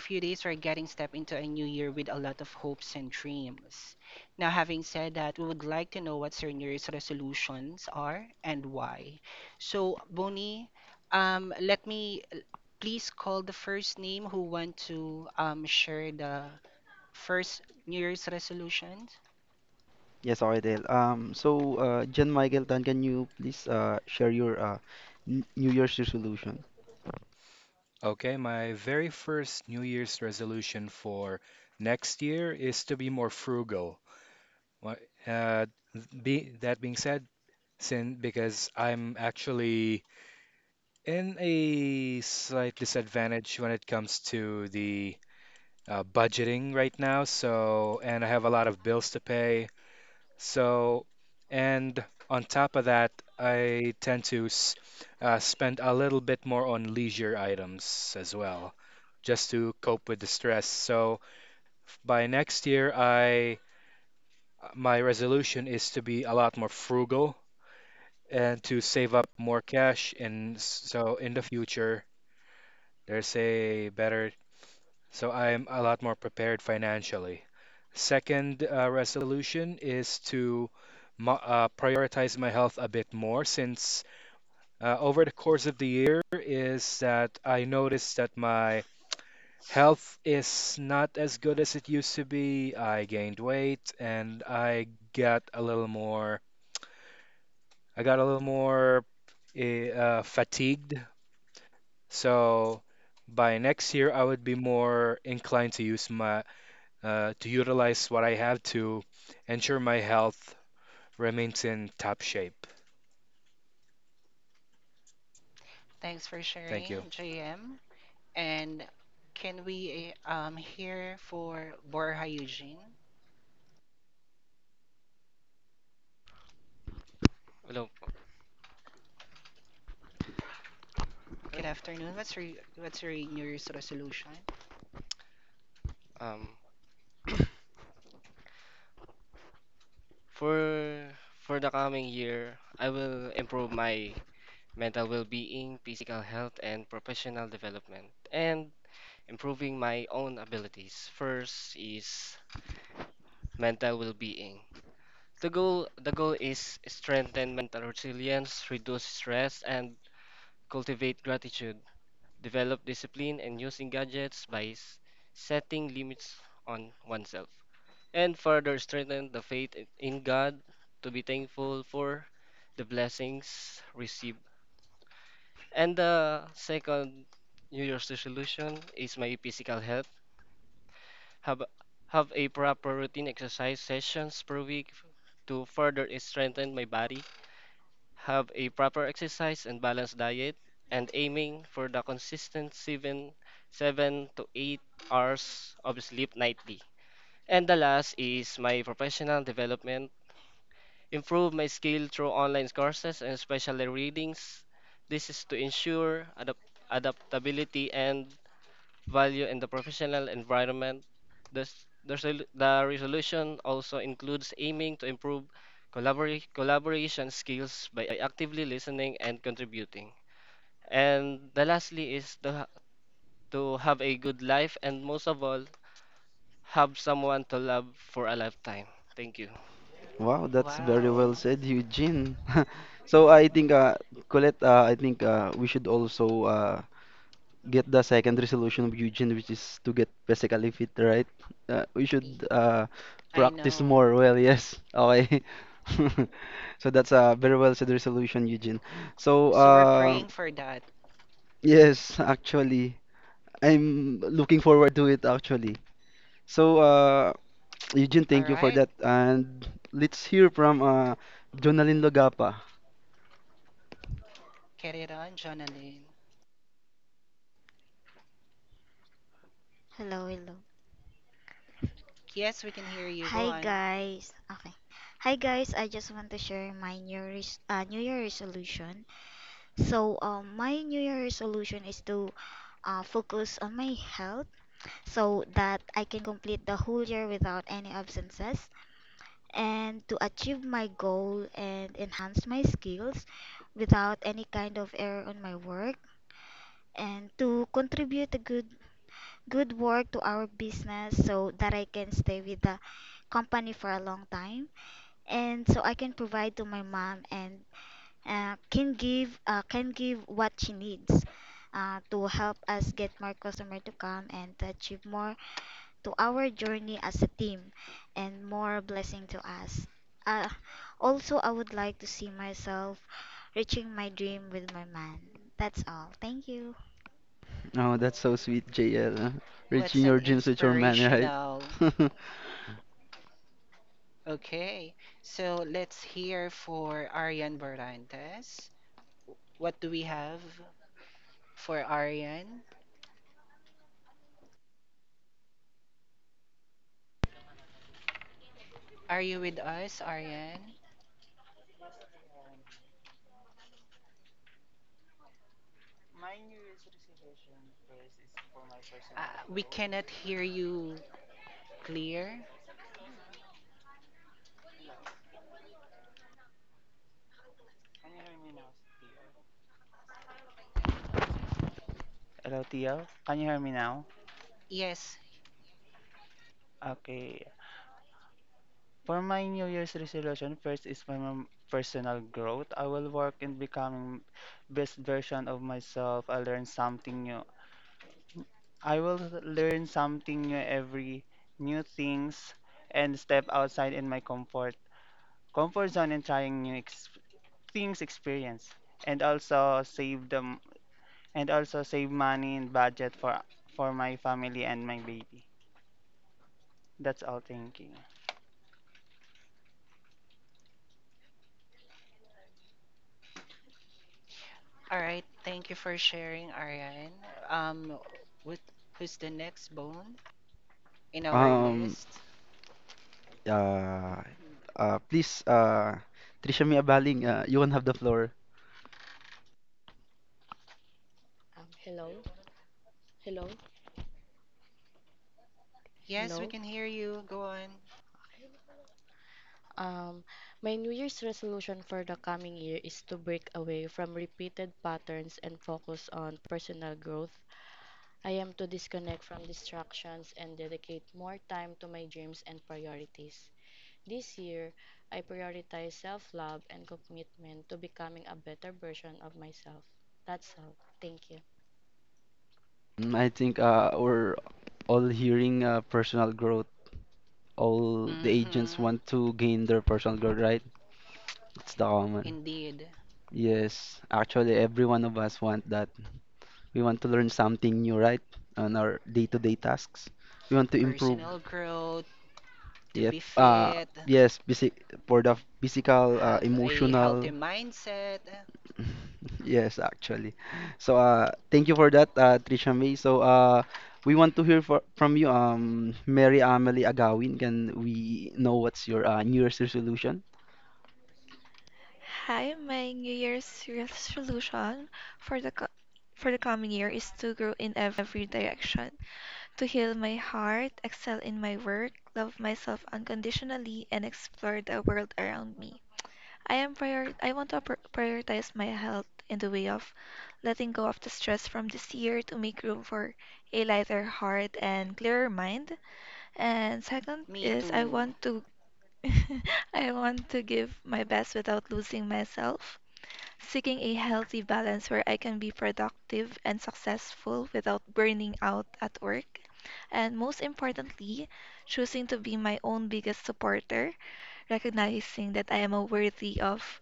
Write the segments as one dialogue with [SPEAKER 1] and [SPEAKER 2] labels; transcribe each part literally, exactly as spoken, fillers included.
[SPEAKER 1] few days, we're getting step into a new year with a lot of hopes and dreams. Now, having said that, we would like to know what your New Year's resolutions are and why. So, Bonnie, um, let me l- please call the first name who want to um, share the first New Year's resolution.
[SPEAKER 2] Yes, Oidel. Um, so, uh, John Michael Tan, can you please uh, share your uh, n- New Year's resolution?
[SPEAKER 3] Okay, my very first New Year's resolution for next year is to be more frugal. Wha- Uh, th- be, that being said, since because I'm actually in a slight disadvantage when it comes to the uh, budgeting right now, so, and I have a lot of bills to pay, so, and on top of that, I tend to s uh, spend a little bit more on leisure items as well, just to cope with the stress. So f- by next year, I my resolution is to be a lot more frugal and to save up more cash. And s- so in the future, there's a better So I'm a lot more prepared financially. Second uh, resolution is to mo- uh, prioritize my health a bit more since uh, over the course of the year is that I noticed that my health is not as good as it used to be. I gained weight and I got a little more I got a little more eh, uh, fatigued. So by next year I would be more inclined to use my uh, to utilize what I have to ensure my health remains in top shape.
[SPEAKER 1] Thanks for
[SPEAKER 3] Thank
[SPEAKER 1] sharing,
[SPEAKER 3] you.
[SPEAKER 1] J M. And can we eh, um, hear for Borja Eugene?
[SPEAKER 4] Hello.
[SPEAKER 1] Good afternoon. What's your what's your New Year's resolution?
[SPEAKER 4] Um, for for the coming year, I will improve my mental well-being, physical health, and professional development, and improving my own abilities. First is mental well-being. The goal the goal is strengthen mental resilience, reduce stress, and cultivate gratitude. Develop discipline and using gadgets by s- setting limits on oneself. And further strengthen the faith in in God to be thankful for the blessings received. And the second New Year's resolution is my physical health. Have have a proper routine exercise sessions per week to further strengthen my body. Have a proper exercise and balanced diet and aiming for the consistent seven seven to eight hours of sleep nightly. And the last is my professional development improve my skill through online courses and especially readings. This is to ensure adapt adaptability and value in the professional environment. Thus, The, resol- the resolution also includes aiming to improve collabora- collaboration skills by actively listening and contributing. And the lastly is to, ha- to have a good life and most of all, have someone to love for a lifetime. Thank you.
[SPEAKER 2] Wow, that's very well
[SPEAKER 1] Wow,
[SPEAKER 2] said, Eugene. So, I think, uh, Colette, uh, I think uh, we should also uh, get the second resolution of Eugene, which is to get physically fit, right? Uh, we
[SPEAKER 1] E-
[SPEAKER 2] should uh,
[SPEAKER 1] I
[SPEAKER 2] practice
[SPEAKER 1] know.
[SPEAKER 2] more. Well, yes. Okay. So, that's a very well said resolution, Eugene. So,
[SPEAKER 1] So we're
[SPEAKER 2] uh,
[SPEAKER 1] praying for that.
[SPEAKER 2] yes, actually. I'm looking forward to it actually. So, uh, Eugene,
[SPEAKER 1] All
[SPEAKER 2] thank you for
[SPEAKER 1] right,
[SPEAKER 2] that. And let's hear from uh, Jonalyn Logapa.
[SPEAKER 1] carry it on, Jonalyn.
[SPEAKER 5] Hello, hello.
[SPEAKER 1] Yes, we can hear you. Go
[SPEAKER 5] Hi
[SPEAKER 1] on.
[SPEAKER 5] guys. Okay. Hi guys, I just want to share my new res- uh, new year resolution. So, um my new year resolution is to uh, focus on my health so that I can complete the whole year without any absences, and to achieve my goal and enhance my skills without any kind of error on my work, and to contribute a good good work to our business so that I can stay with the company for a long time, and so I can provide to my mom and uh, can give uh, can give what she needs uh, to help us get more customer to come and to achieve more to our journey as a team and more blessing to us. Uh, also, I would like to see myself reaching my dream with my man. That's all. Thank you.
[SPEAKER 2] Oh, that's so sweet, J L. uh,
[SPEAKER 1] What's
[SPEAKER 2] Reaching
[SPEAKER 1] an
[SPEAKER 2] your dreams with your man,
[SPEAKER 1] inspirational?
[SPEAKER 2] right?
[SPEAKER 1] Okay, so let's hear for Arian Barantes. What do we have for Arian? Are you with us, Aryan?
[SPEAKER 6] My New Year's resolution first is for my
[SPEAKER 1] Uh,
[SPEAKER 6] personal
[SPEAKER 1] we
[SPEAKER 6] growth.
[SPEAKER 1] cannot hear you clear.
[SPEAKER 6] Hello. Can you hear me now, Tio? Hello, Tio. Can you hear me now?
[SPEAKER 1] Yes.
[SPEAKER 6] Okay. For my New Year's resolution, first is for my personal growth. I will work in becoming best version of myself. I learn something new. I will learn something new every new things and step outside in my comfort comfort zone and trying new ex things experience, and also save them, and also save money and budget for for my family and my baby. That's all. Thank you.
[SPEAKER 1] All right. Thank you for sharing, Aryan. Um, with who's the next bone in our
[SPEAKER 2] Um,
[SPEAKER 1] list?
[SPEAKER 2] uh, uh, Please, uh, Trisha Mia Baling, uh, you can have the floor.
[SPEAKER 7] Um, hello, hello,
[SPEAKER 1] Yes, we
[SPEAKER 7] hello.
[SPEAKER 1] can hear you. Go on.
[SPEAKER 7] Um, my New Year's resolution for the coming year is to break away from repeated patterns and focus on personal growth. I am to disconnect from distractions and dedicate more time to my dreams and priorities. This year, I prioritize self love and commitment to becoming a better version of myself. That's all. Thank you.
[SPEAKER 2] Mm, I think uh, we're all hearing uh, personal growth. All the
[SPEAKER 1] Mm-hmm.
[SPEAKER 2] agents want to gain their personal growth, right? It's the common.
[SPEAKER 1] Indeed.
[SPEAKER 2] Yes, actually, every one of us want that. We want to learn something new, right? On our day-to-day tasks. We want to improve.
[SPEAKER 1] Personal growth, to
[SPEAKER 2] Yep.
[SPEAKER 1] be
[SPEAKER 2] Uh,
[SPEAKER 1] fit,
[SPEAKER 2] yes, basic for the physical, uh,
[SPEAKER 1] have a healthy
[SPEAKER 2] emotional.
[SPEAKER 1] mindset.
[SPEAKER 2] Yes, actually. So, uh, thank you for that, uh, Trisha May. So, uh, we want to hear for, from you, um, Mary Amelie Agawin. Can we know what's your uh, New Year's resolution?
[SPEAKER 8] Hi, my New Year's resolution for the co- for the coming year is to grow in every direction, to heal my heart, excel in my work, love myself unconditionally, and explore the world around me. I am prior I want to pr- prioritize my health in the way of letting go of the stress from this year to make room for a lighter heart and clearer mind. And second
[SPEAKER 1] Me
[SPEAKER 8] is I
[SPEAKER 1] too.
[SPEAKER 8] want to I want to give my best without losing myself, seeking a healthy balance where I can be productive and successful without burning out at work, and most importantly, choosing to be my own biggest supporter, recognizing that I am worthy of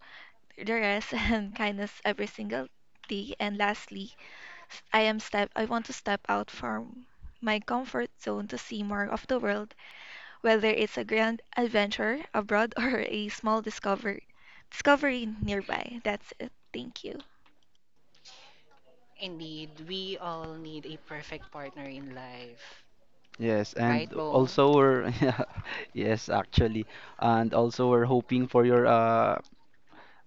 [SPEAKER 8] the rest and kindness every single day. And lastly, I am step I want to step out from my comfort zone to see more of the world, whether it's a grand adventure abroad or a small discovery discovery nearby. That's it. Thank you.
[SPEAKER 1] Indeed, we all need a perfect partner in life.
[SPEAKER 2] Yes, and
[SPEAKER 1] Right, Bone?
[SPEAKER 2] also we're yeah, yes, actually, and also we're hoping for your uh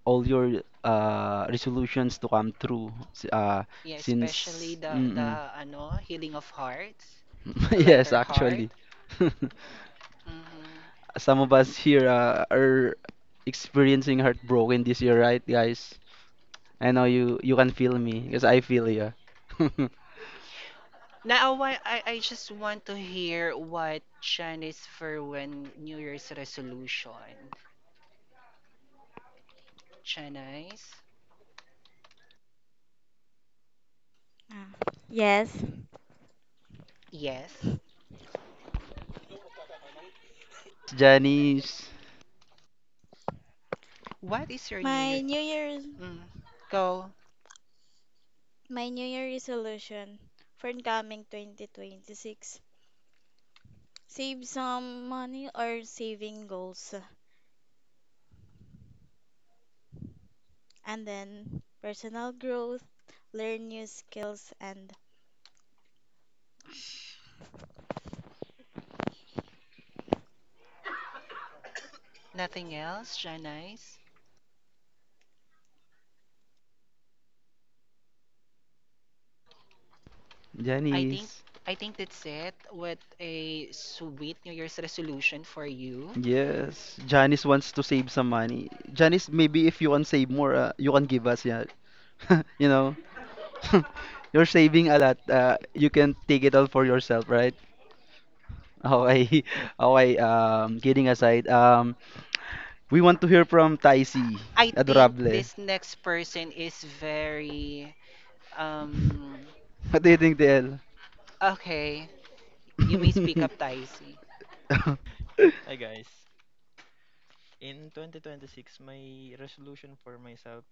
[SPEAKER 2] all your uh resolutions to come true. s- Uh,
[SPEAKER 1] Yeah, especially
[SPEAKER 2] since
[SPEAKER 1] the
[SPEAKER 2] mm-mm.
[SPEAKER 1] the ano, healing of hearts, a
[SPEAKER 2] Yes,
[SPEAKER 1] lighter heart.
[SPEAKER 2] actually,
[SPEAKER 1] hmm
[SPEAKER 2] some of us here uh, are experiencing heartbroken this year, right, guys? I know you you can feel me because I feel you.
[SPEAKER 1] Now, I, I I just want to hear what Chinese for when New Year's resolution. Chinese?
[SPEAKER 9] Ah, Yes.
[SPEAKER 1] Yes.
[SPEAKER 2] Janice,
[SPEAKER 1] What is your New
[SPEAKER 9] My
[SPEAKER 1] Year?
[SPEAKER 9] New Year's
[SPEAKER 1] Mm. Go.
[SPEAKER 9] my New Year resolution for coming twenty twenty-six: save some money, or saving goals, and then personal growth, learn new skills and
[SPEAKER 1] Nothing else, Chinese? I think
[SPEAKER 2] Janice.
[SPEAKER 1] I think that's it. With a sweet New Year's resolution for you.
[SPEAKER 2] Yes, Janice wants to save some money. Janice, maybe if you can save more, uh, you can give us, yeah. You know, you're saving a lot. Uh, you can take it all for yourself, right? Okay, okay. Um, kidding aside, um, we want to hear from Taisi,
[SPEAKER 1] I I think
[SPEAKER 2] adorable.
[SPEAKER 1] this next person is very. um
[SPEAKER 2] What do you think, T L?
[SPEAKER 1] Okay, you may speak up, Taisi.
[SPEAKER 10] Hi guys. In twenty twenty-six, my resolution for myself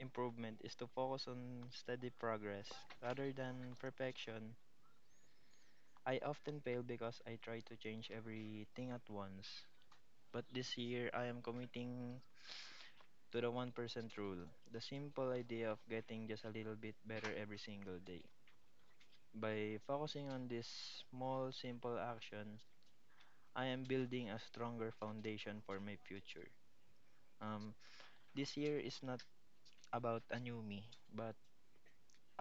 [SPEAKER 10] improvement is to focus on steady progress rather than perfection. I often fail because I try to change everything at once. But this year, I am committing to the one percent rule, the simple idea of getting just a little bit better every single day. By focusing on this small, simple action, I am building a stronger foundation for my future. Um, this year is not about a new me, but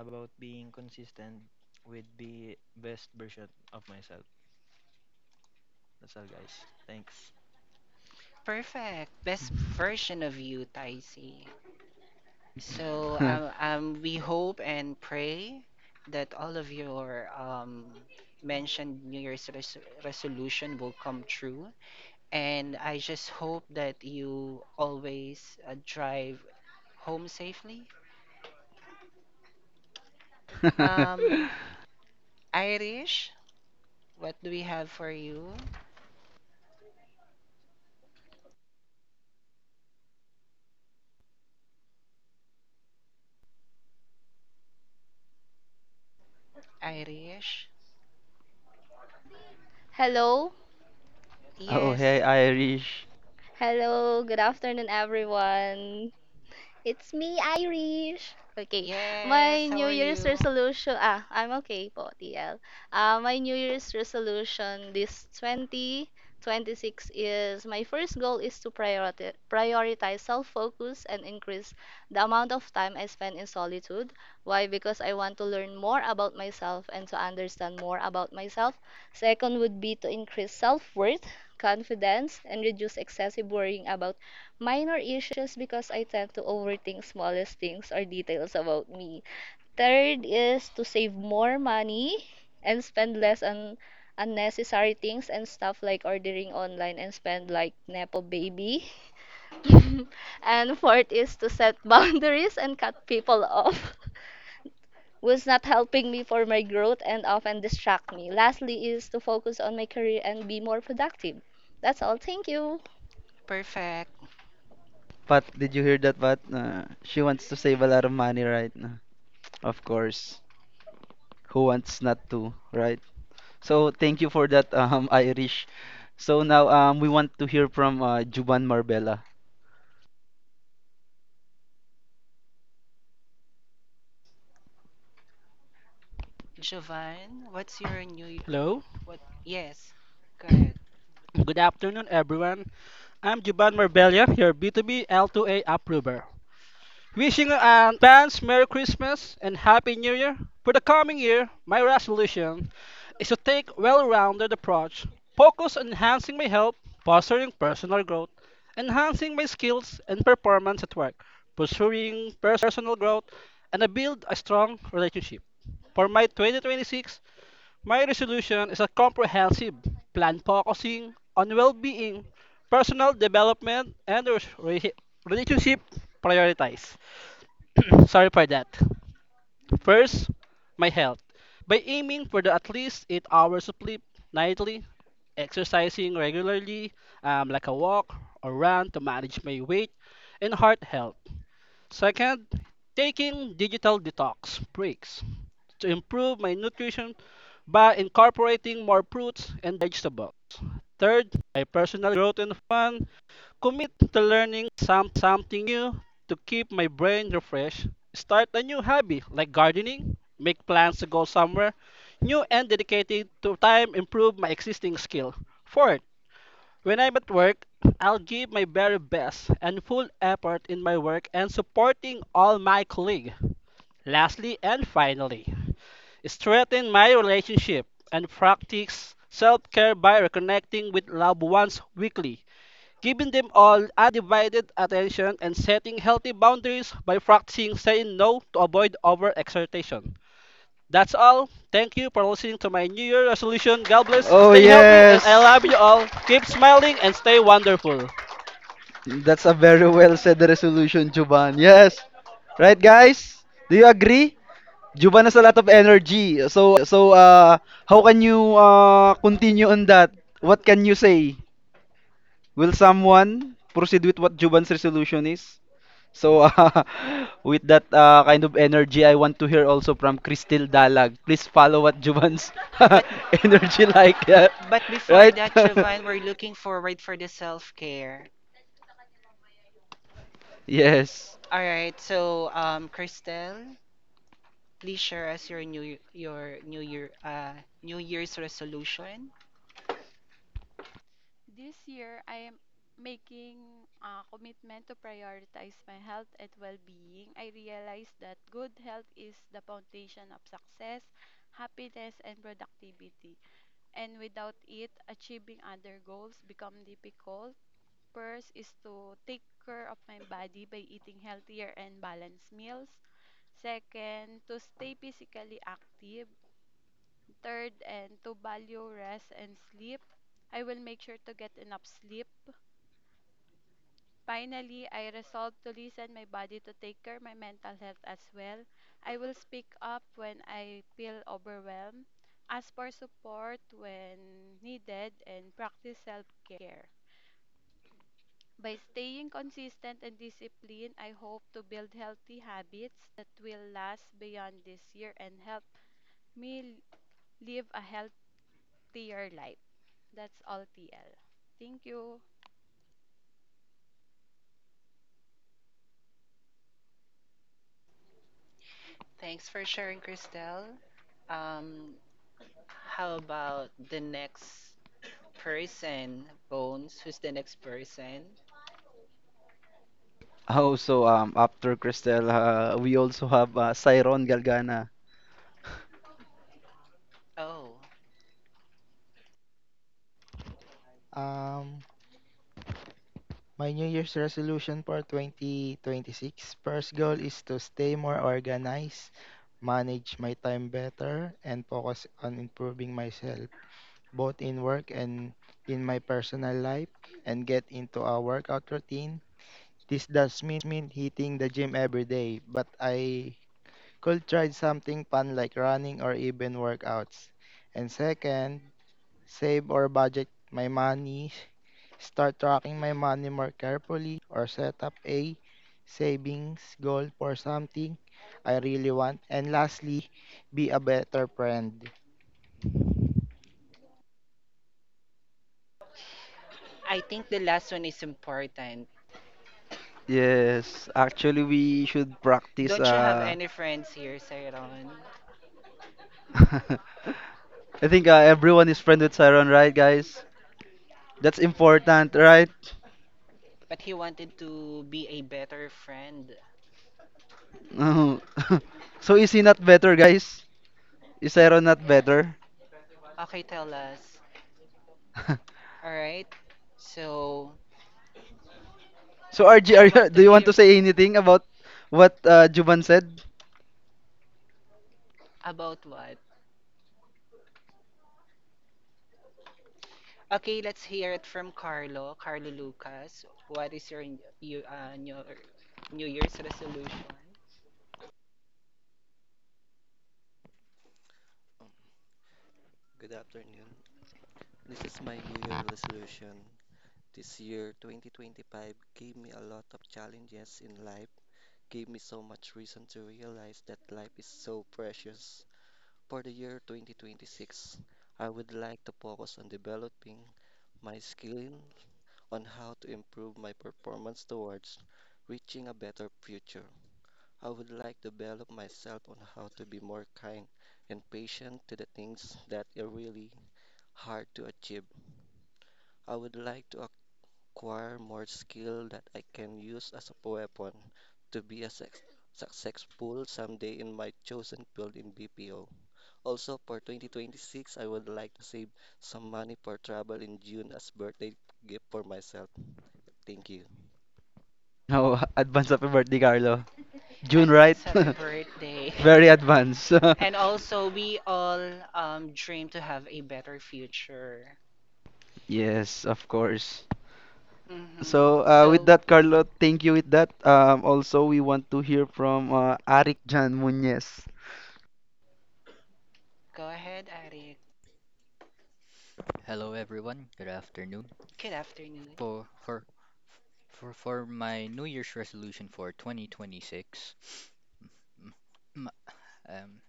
[SPEAKER 10] about being consistent with the best version of myself. That's all, guys. Thanks.
[SPEAKER 1] Perfect. Best version of you, Taisi. So um, um, we hope and pray that all of your um, mentioned New Year's res- resolution will come true. And I just hope that you always uh, drive home safely. Um, Irish, what do we have for you? Irish?
[SPEAKER 11] Hello? Okay
[SPEAKER 2] Oh,
[SPEAKER 11] na.
[SPEAKER 1] Yes.
[SPEAKER 2] hey, Irish.
[SPEAKER 11] Hello, good afternoon everyone. It's me, Irish. Okay.
[SPEAKER 1] Yes,
[SPEAKER 11] My
[SPEAKER 1] how
[SPEAKER 11] New
[SPEAKER 1] are
[SPEAKER 11] Year's
[SPEAKER 1] you?
[SPEAKER 11] resolution, ah, I'm okay po, T L. Ah, my New Year's resolution this twenty twenty-six is my first goal is to prioritize prioritize self-focus and increase the amount of time I spend in solitude. Why? Because I want to learn more about myself and to understand more about myself. Second would be to increase self-worth, confidence, and reduce excessive worrying about minor issues because I tend to overthink smallest things or details about me. Third is to save more money and spend less on unnecessary things and stuff like ordering online and spend like nepo baby. And fourth is to set boundaries and cut people off who's not helping me for my growth and often distract me. Lastly is to focus on my career and be more productive. That's all. Thank you.
[SPEAKER 1] Perfect.
[SPEAKER 2] Pat, did you hear that, Pat? Uh, she wants to save a lot of money right now. Of course. Who wants not to, right? So thank you for that, um, Irish. So now um, we want to hear from uh, Juban Marbella.
[SPEAKER 1] Jovan, what's your new
[SPEAKER 12] Hello,
[SPEAKER 1] what? Yes, go ahead.
[SPEAKER 12] good afternoon, everyone. I'm Juban Marbella, your B two B L two A approver. Wishing you an advanced Merry Christmas and Happy New Year. For the coming year, my resolution is to take well-rounded approach, focus on enhancing my health, fostering personal growth, enhancing my skills and performance at work, pursuing personal growth, and I build a strong relationship. For my twenty twenty-six, my resolution is a comprehensive plan focusing on well-being, personal development, and re- relationship prioritize. Sorry for that. First, my health. By aiming for the at least eight hours of sleep nightly, exercising regularly, um, like a walk or run to manage my weight and heart health. Second, taking digital detox breaks to improve my nutrition by incorporating more fruits and vegetables. Third, my personal growth and fun. Commit to learning something new to keep my brain refreshed. Start a new hobby like gardening, make plans to go somewhere new and dedicated to time improve my existing skill. Fourth, when I'm at work, I'll give my very best and full effort in my work and supporting all my colleagues. Lastly and finally, strengthen my relationship and practice self-care by reconnecting with loved ones weekly, giving them all undivided attention and setting healthy boundaries by practicing saying no to avoid overexertion. That's all. Thank you for listening to my New Year resolution. God bless.
[SPEAKER 2] Oh
[SPEAKER 12] Stay healthy, and
[SPEAKER 2] yes,
[SPEAKER 12] I love you all. Keep smiling and stay wonderful.
[SPEAKER 2] that's a very well said resolution, Juban. Yes, right, guys? Do you agree? Juban has a lot of energy. So uh, how can you uh, continue on that? What can you say? Will someone proceed with what Juban's resolution is? So, uh, with that uh, kind of energy, I want to hear also from Cristel Dalag. Please follow what Juban's
[SPEAKER 1] But
[SPEAKER 2] energy like that,
[SPEAKER 1] but before
[SPEAKER 2] right?
[SPEAKER 1] that, Jovan, we're looking forward for the self-care.
[SPEAKER 2] Yes.
[SPEAKER 1] All right. So, um, Christelle, please share us your new your new year uh New Year's resolution.
[SPEAKER 13] This year, I am making a commitment to prioritize my health and well-being. I realize that good health is the foundation of success, happiness, and productivity, and without it, achieving other goals become difficult. First is to take care of my body by eating healthier and balanced meals. Second, to stay physically active. Third, and to value rest and sleep. I will make sure to get enough sleep. Finally, I resolved to listen my body to take care my mental health as well. I will speak up when I feel overwhelmed, ask for support when needed, and practice self-care. By staying consistent and disciplined, I hope to build healthy habits that will last beyond this year and help me live a healthier life. That's all T L. Thank you.
[SPEAKER 1] Thanks for sharing, Christelle. Um, how about the next person, Bones? Who's the next person?
[SPEAKER 2] Also, um, after Cristel, uh, we also have uh, Cyron Galgana.
[SPEAKER 1] Oh,
[SPEAKER 14] Um, my New Year's resolution for twenty twenty-six, first goal is to stay more organized, manage my time better, and focus on improving myself, both in work and in my personal life, and get into a workout routine. This does mean hitting the gym every day, but I could try something fun like running or even workouts. And second, save or budget my money. Start tracking my money more carefully or set up a savings goal for something I really want. And lastly, be a better friend.
[SPEAKER 1] I think the last one is important.
[SPEAKER 2] Yes, actually, we should practice.
[SPEAKER 1] Don't you have
[SPEAKER 2] Uh,
[SPEAKER 1] any friends here, Sayron?
[SPEAKER 2] I think uh, everyone is friend with Cyron, right, guys? That's important, right?
[SPEAKER 1] But he wanted to be a better friend.
[SPEAKER 2] So, is he not better, guys? Is Cyron not better?
[SPEAKER 1] Okay, tell us. All right. So,
[SPEAKER 2] So R J, are
[SPEAKER 1] I
[SPEAKER 2] you,
[SPEAKER 1] want
[SPEAKER 2] do
[SPEAKER 1] to
[SPEAKER 2] you want to
[SPEAKER 1] hear
[SPEAKER 2] say anything about what uh, Juban said?
[SPEAKER 1] about what? Okay, let's hear it from Carlo, Carlo Lucas. What is your you, uh, new, new Year's resolution?
[SPEAKER 15] Um, Good afternoon. This is my New Year resolution. This year, twenty twenty-five, gave me a lot of challenges in life, gave me so much reason to realize that life is so precious. For the year twenty twenty-six, I would like to focus on developing my skill on how to improve my performance towards reaching a better future. I would like to develop myself on how to be more kind and patient to the things that are really hard to achieve. I would like to acquire more skill that I can use as a weapon to be a sex- successful someday in my chosen field in B P O. Also, for twenty twenty-six, I would like to save some money for travel in June as birthday gift for myself. Thank you.
[SPEAKER 2] No, advance happy birthday, Carlo. June, right?
[SPEAKER 1] Advance happy birthday.
[SPEAKER 2] Very advanced.
[SPEAKER 1] And also, we all um, dream to have a better future.
[SPEAKER 2] Yes, of course.
[SPEAKER 1] Mm-hmm.
[SPEAKER 2] So uh, with
[SPEAKER 1] So,
[SPEAKER 2] that, Carlo, thank you with that. Um, also, we want to hear from uh, Arik Jan Muñez.
[SPEAKER 1] go ahead, Eric.
[SPEAKER 16] Hello everyone. Good afternoon.
[SPEAKER 1] Good afternoon.
[SPEAKER 16] For for for for my New Year's resolution for twenty twenty-six, m- m-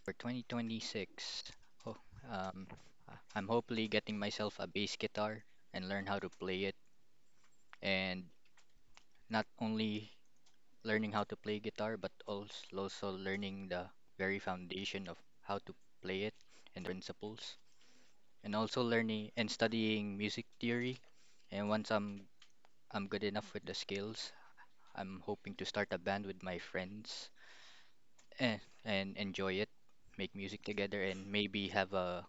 [SPEAKER 16] um, for 2026, oh, um, I- I'm hopefully getting myself a bass guitar and learn how to play it, and not only learning how to play guitar, but also also learning the very foundation of how to play it and the principles, and also learning and studying music theory. And once I'm I'm good enough with the skills, I'm hoping to start a band with my friends and, and enjoy it, make music together, and maybe have a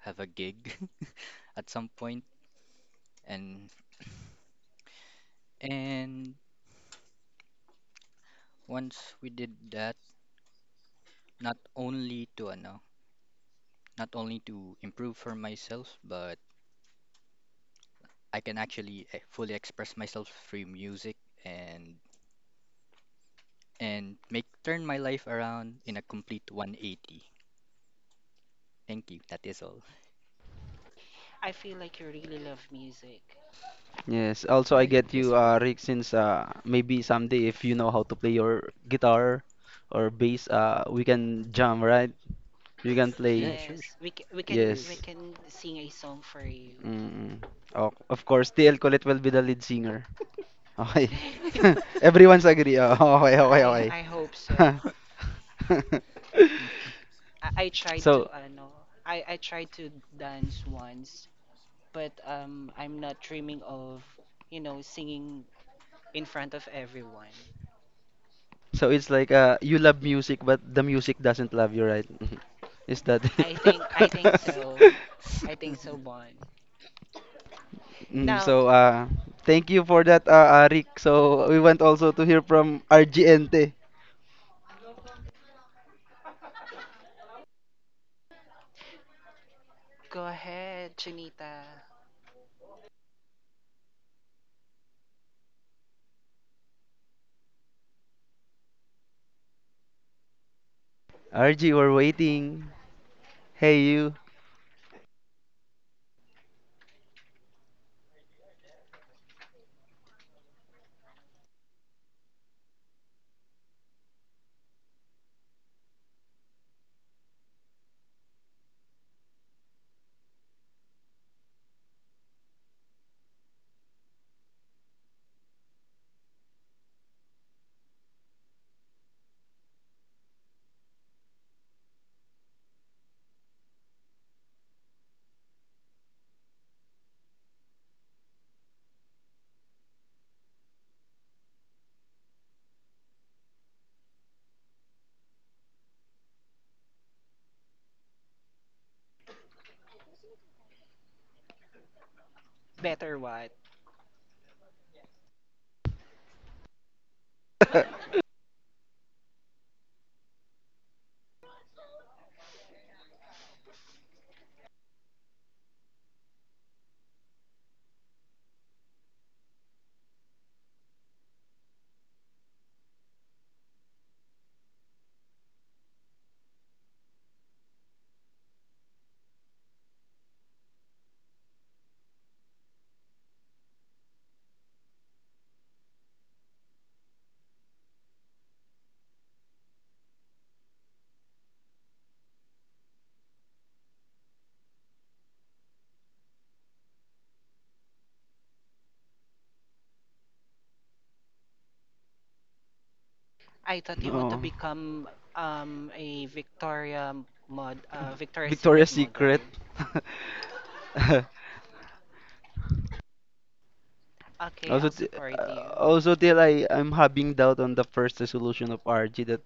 [SPEAKER 16] have a gig at some point. And and once we did that, not only to ano, not only to improve for myself, but I can actually eh, fully express myself through music and and make turn my life around in a complete one eighty. Thank you. That is all.
[SPEAKER 1] I feel like you really love music.
[SPEAKER 2] Yes, also I
[SPEAKER 16] Uh,
[SPEAKER 2] get you,
[SPEAKER 16] yes, Paul.
[SPEAKER 2] uh, Rick, since uh, maybe someday if you know how to play your guitar or bass, uh, we can jam, right? You can
[SPEAKER 16] Yeah,
[SPEAKER 2] play.
[SPEAKER 16] sure, sure,
[SPEAKER 1] Yes, we c- we can
[SPEAKER 16] sure.
[SPEAKER 1] we
[SPEAKER 16] sure.
[SPEAKER 2] Yes.
[SPEAKER 1] can sing a song for you.
[SPEAKER 2] Mm. Okay. Of course, T L Colette will be the lead singer. Okay.
[SPEAKER 1] You know,
[SPEAKER 2] Everyone's agree. Oh, okay,
[SPEAKER 1] I
[SPEAKER 2] okay,
[SPEAKER 1] I hope so.
[SPEAKER 2] okay.
[SPEAKER 1] I, I tried to
[SPEAKER 2] So,
[SPEAKER 1] ano, I I tried to dance once, but um I'm not dreaming of, you know, singing in front of everyone.
[SPEAKER 2] so it's like uh, you love music, but the music doesn't love you, right? Is that it?
[SPEAKER 1] I think I think so, I think so, Bon.
[SPEAKER 2] Mm,
[SPEAKER 1] Now,
[SPEAKER 2] so, uh, Thank you for that, uh, uh, Rick. So, we want also to hear from R G Ente.
[SPEAKER 1] go ahead, Chinita.
[SPEAKER 2] R G, we're waiting. Hey, you.
[SPEAKER 1] Better what? I thought you want to
[SPEAKER 2] Oh.
[SPEAKER 1] become um a Victoria mod uh Victoria's Secret
[SPEAKER 2] Victoria's
[SPEAKER 1] model.
[SPEAKER 2] Secret.
[SPEAKER 1] Okay,
[SPEAKER 2] Also,
[SPEAKER 1] I'll
[SPEAKER 2] t-
[SPEAKER 1] support
[SPEAKER 2] uh,
[SPEAKER 1] you.
[SPEAKER 2] also till I I'm having doubt on the first resolution of R G that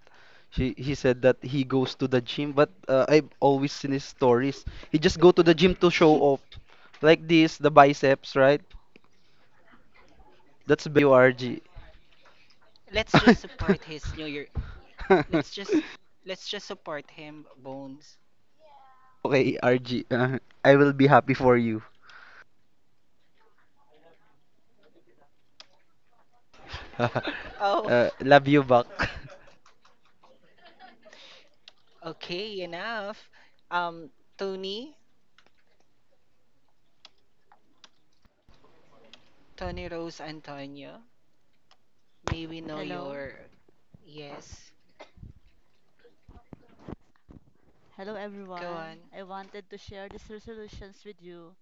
[SPEAKER 2] she he said that he goes to the gym, but uh, I've always seen his stories. He just go to the gym to show off, like this, the biceps, right? That's very you, R G.
[SPEAKER 1] Let's just support his New Year. Let's just let's just support him, Bones.
[SPEAKER 2] Okay, R G, uh, I will be happy for you.
[SPEAKER 1] Oh,
[SPEAKER 2] Uh, love you back.
[SPEAKER 1] okay, enough. Um, Tony, Tony Rose Antonio, may we know
[SPEAKER 17] Hello.
[SPEAKER 1] your yes.
[SPEAKER 17] Hello,
[SPEAKER 1] Go on.
[SPEAKER 17] everyone. I wanted to share these resolutions with you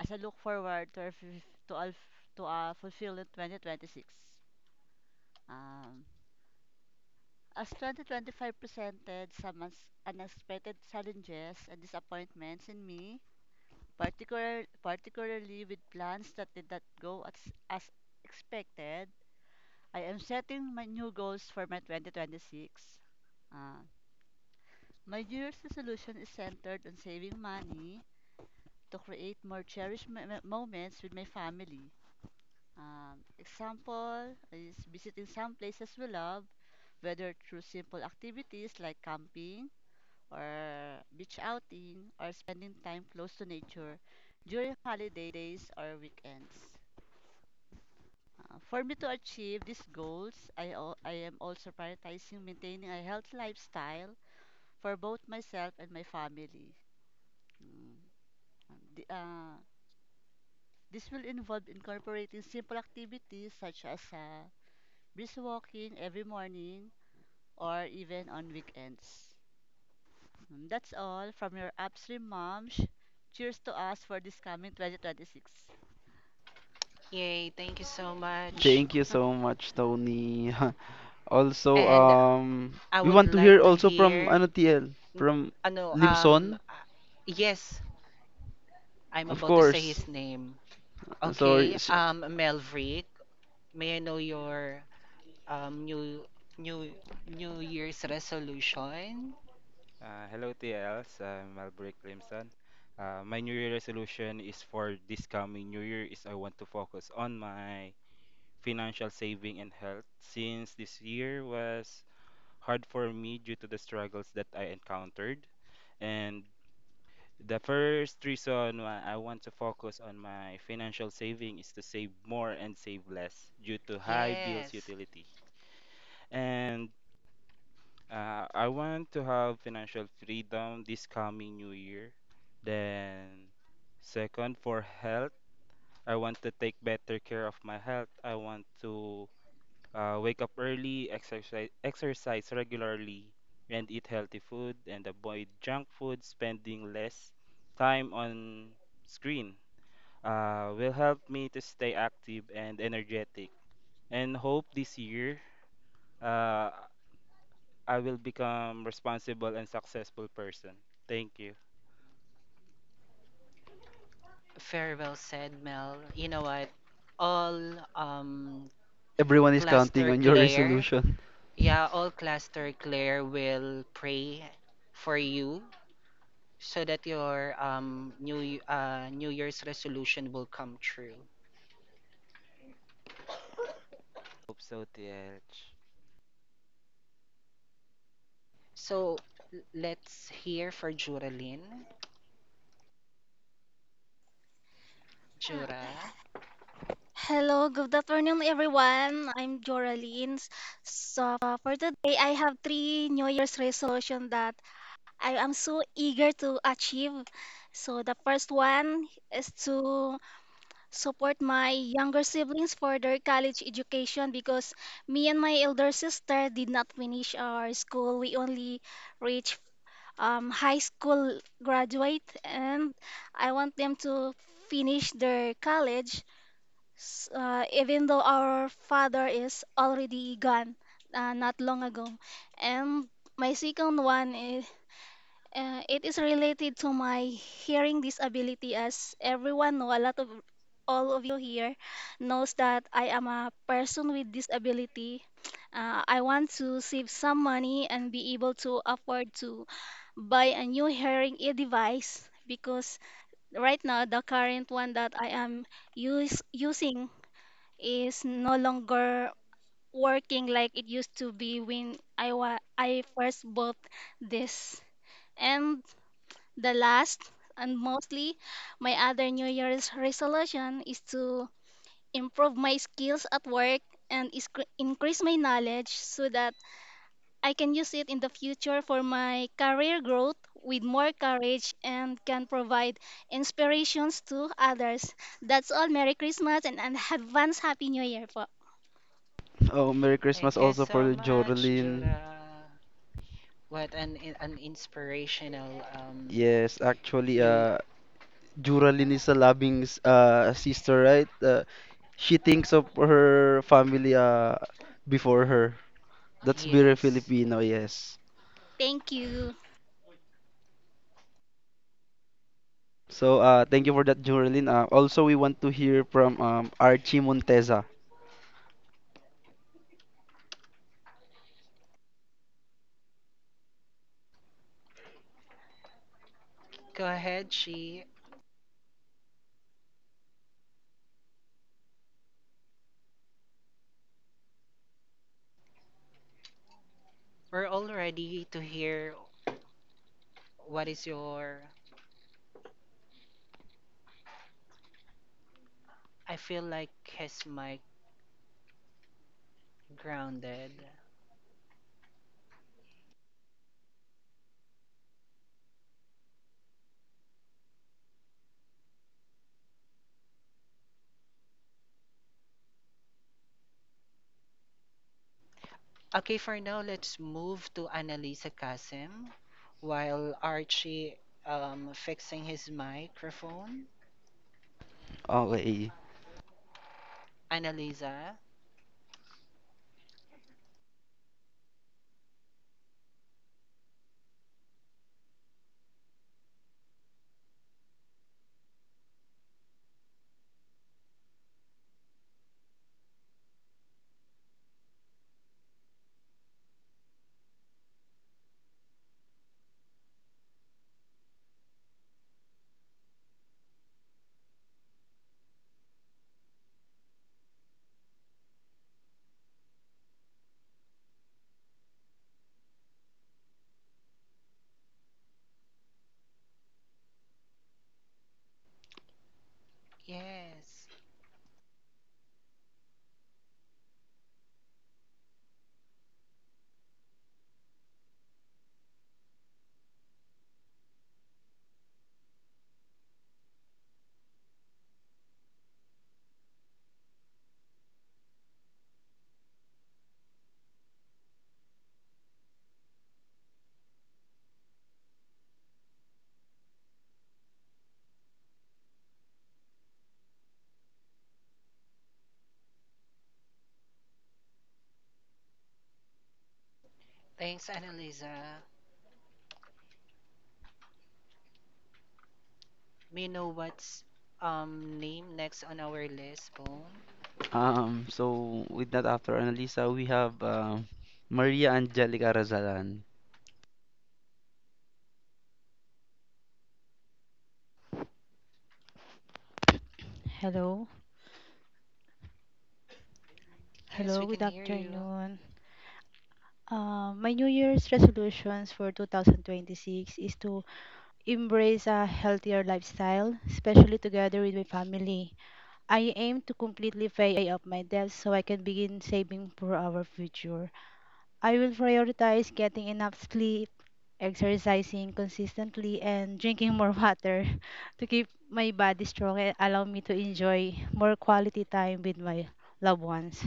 [SPEAKER 17] as I look forward to our, fif- to our, to our fulfilling twenty twenty-six. Um, as twenty twenty-five presented some uns- unexpected challenges and disappointments in me, particular, particularly with plans that did not go as, as expected, I am setting my new goals for my twenty twenty-six. Uh, my New Year's resolution is centered on saving money to create more cherished mo- mo- moments with my family. Um, example is visiting some places we love, whether through simple activities like camping or beach outing or spending time close to nature during holidays or weekends. Uh, for me to achieve these goals, I, al- I am also prioritizing maintaining a healthy lifestyle for both myself and my family. Mm. And the- uh, This will involve incorporating simple activities such as uh, brisk walking every morning or even on weekends. Mm, That's all from your upstream moms. Cheers to us for this coming twenty twenty-six.
[SPEAKER 1] Yay, thank you so much.
[SPEAKER 2] Thank you so much, Tony. Also,
[SPEAKER 1] And
[SPEAKER 2] um,
[SPEAKER 1] I
[SPEAKER 2] we
[SPEAKER 1] would
[SPEAKER 2] want to hear
[SPEAKER 1] like to
[SPEAKER 2] also from
[SPEAKER 1] hear,
[SPEAKER 2] ano T L, from
[SPEAKER 1] ano, um,
[SPEAKER 2] Limson,
[SPEAKER 1] uh, yes, I'm
[SPEAKER 2] of
[SPEAKER 1] about to say
[SPEAKER 2] course.
[SPEAKER 1] his name.
[SPEAKER 2] Sorry,
[SPEAKER 1] Okay,
[SPEAKER 2] sh-
[SPEAKER 1] um, Melvrick, may I know your um new new New Year's resolution?
[SPEAKER 18] Uh, hello T Ls, I'm Albrecht Limsan. Uh, my New Year resolution is for this coming New Year is I want to focus on my financial saving and health, since this year was hard for me due to the struggles that I encountered. And the first reason why I want to focus on my financial saving is to save more and save less due to high bills
[SPEAKER 1] Yes,
[SPEAKER 18] utility. And Uh, I want to have financial freedom this coming new year. Then, second, for health, I want to take better care of my health. I want to uh, wake up early, exercise, exercise regularly, and eat healthy food and avoid junk food, spending less time on screen. Uh, will help me to stay active and energetic. And hope this year Uh, I will become responsible and successful person. Thank you.
[SPEAKER 1] very well said, Mel. You know what? All um
[SPEAKER 2] everyone is counting
[SPEAKER 1] cluster
[SPEAKER 2] on your
[SPEAKER 1] Claire,
[SPEAKER 2] resolution.
[SPEAKER 1] yeah, all cluster Claire will pray for you so that your um new y- uh New Year's resolution will come true.
[SPEAKER 18] Hope so, T H.
[SPEAKER 1] So l- let's hear for Juralyn.
[SPEAKER 19] Uh,
[SPEAKER 1] Jura.
[SPEAKER 19] Hello, good afternoon, everyone. I'm Joralyn. So for today, I have three New Year's resolution that I am so eager to achieve. So the first one is to support my younger siblings for their college education because me and my elder sister did not finish our school. We only reached um, high school graduate, and I want them to finish their college s- uh, even though our father is already gone uh, not long ago. And my second one is uh, it is related to my hearing disability, as everyone know, a lot of all of you here knows that I am a person with disability. Uh, I want to save some money and be able to afford to buy a new hearing aid device because right now the current one that I am use, using is no longer working like it used to be when I wa- I first bought this. And the last and mostly my other New Year's resolution is to improve my skills at work and iscr- increase my knowledge so that I can use it in the future for my career growth with more courage and can provide inspirations to others. That's all. Merry Christmas and an advance Happy New Year po.
[SPEAKER 2] Oh, Merry Christmas
[SPEAKER 1] Thank you
[SPEAKER 2] also for
[SPEAKER 1] so much,
[SPEAKER 2] Joralyn.
[SPEAKER 1] Jura. What an i- an inspirational um
[SPEAKER 2] Yes, actually,
[SPEAKER 1] new
[SPEAKER 2] uh,
[SPEAKER 1] uh,
[SPEAKER 2] Joralyn is a loving s- uh sister, right? Uh, she thinks of her family uh before her. That's very
[SPEAKER 1] yes.
[SPEAKER 2] Filipino, yes.
[SPEAKER 19] Thank you.
[SPEAKER 2] So uh, thank you for that, Jorlin. Uh, also, we want to hear from um, Archie Monteza.
[SPEAKER 1] Go ahead, she. We're all ready to hear what is your I feel like his mic grounded. Okay, for now let's move to Annalisa Kasim while Archie um fixing his microphone.
[SPEAKER 2] Okay.
[SPEAKER 1] Annalisa. Yes. Thanks, Annalisa. May know what's um name next on our list, Bone?
[SPEAKER 2] Um, so with that, after Annalisa, we have um Maria Angelica Razalan.
[SPEAKER 20] Hello.
[SPEAKER 1] Yes,
[SPEAKER 20] Hello,
[SPEAKER 1] we
[SPEAKER 20] good
[SPEAKER 1] can hear you.
[SPEAKER 20] afternoon. Uh, my New Year's resolutions for two thousand twenty-six is to embrace a healthier lifestyle, especially together with my family. I aim to completely pay off my debts so I can begin saving for our future. I will prioritize getting enough sleep, exercising consistently, and drinking more water to keep my body strong and allow me to enjoy more quality time with my loved ones.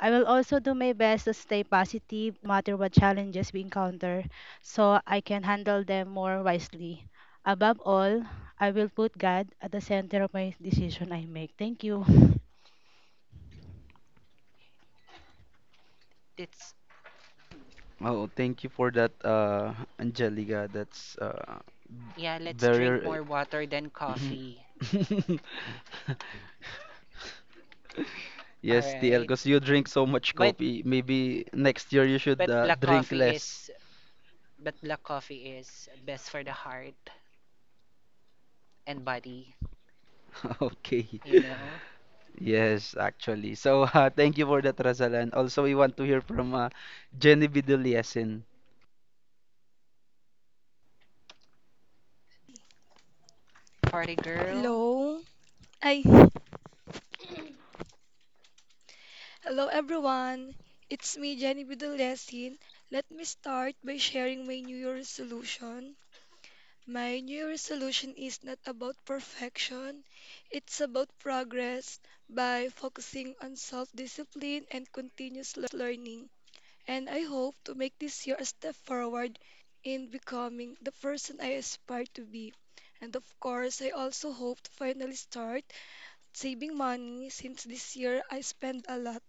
[SPEAKER 20] I will also do my best to stay positive no matter what challenges we encounter so I can handle them more wisely. Above all, I will put God at the center of my decision I make. Thank you.
[SPEAKER 1] It's
[SPEAKER 2] Oh, thank you for that, uh, Angelica. That's uh,
[SPEAKER 1] yeah, let's drink
[SPEAKER 2] very.
[SPEAKER 1] more water than coffee. All
[SPEAKER 2] Yes, T L,
[SPEAKER 1] right.
[SPEAKER 2] because you drink so much
[SPEAKER 1] But
[SPEAKER 2] coffee. Maybe next year you should
[SPEAKER 1] but
[SPEAKER 2] uh,
[SPEAKER 1] black
[SPEAKER 2] drink
[SPEAKER 1] coffee
[SPEAKER 2] less.
[SPEAKER 1] is but black coffee is best for the heart and body,
[SPEAKER 2] Okay.
[SPEAKER 1] you know.
[SPEAKER 2] Yes, actually. So uh, thank you for that, Razalan. Also, we want to hear from uh, Jenny Biduliesin.
[SPEAKER 1] Party girl,
[SPEAKER 21] Hello. Hi. Hello everyone. It's me, Jenny. With Let me start by sharing my new year resolution. My new year resolution is not about perfection. It's about progress by focusing on self-discipline and continuous learning. And I hope to make this year a step forward in becoming the person I aspire to be. And of course, I also hope to finally start saving money, since this year I spend a lot.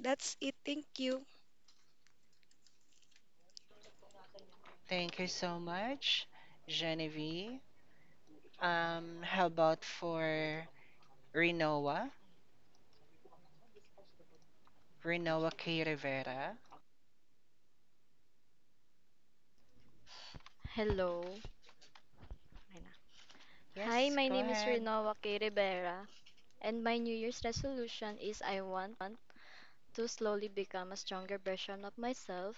[SPEAKER 21] That's it. Thank you.
[SPEAKER 1] thank you so much, Genevieve. Um, how about for Renoa? Renoa K. Rivera.
[SPEAKER 22] Hello. Ay na. Hi,
[SPEAKER 1] Yes,
[SPEAKER 22] my
[SPEAKER 1] go
[SPEAKER 22] name is
[SPEAKER 1] ahead.
[SPEAKER 22] Rinoa K. Rivera, and my New Year's resolution is I want to slowly become a stronger version of myself.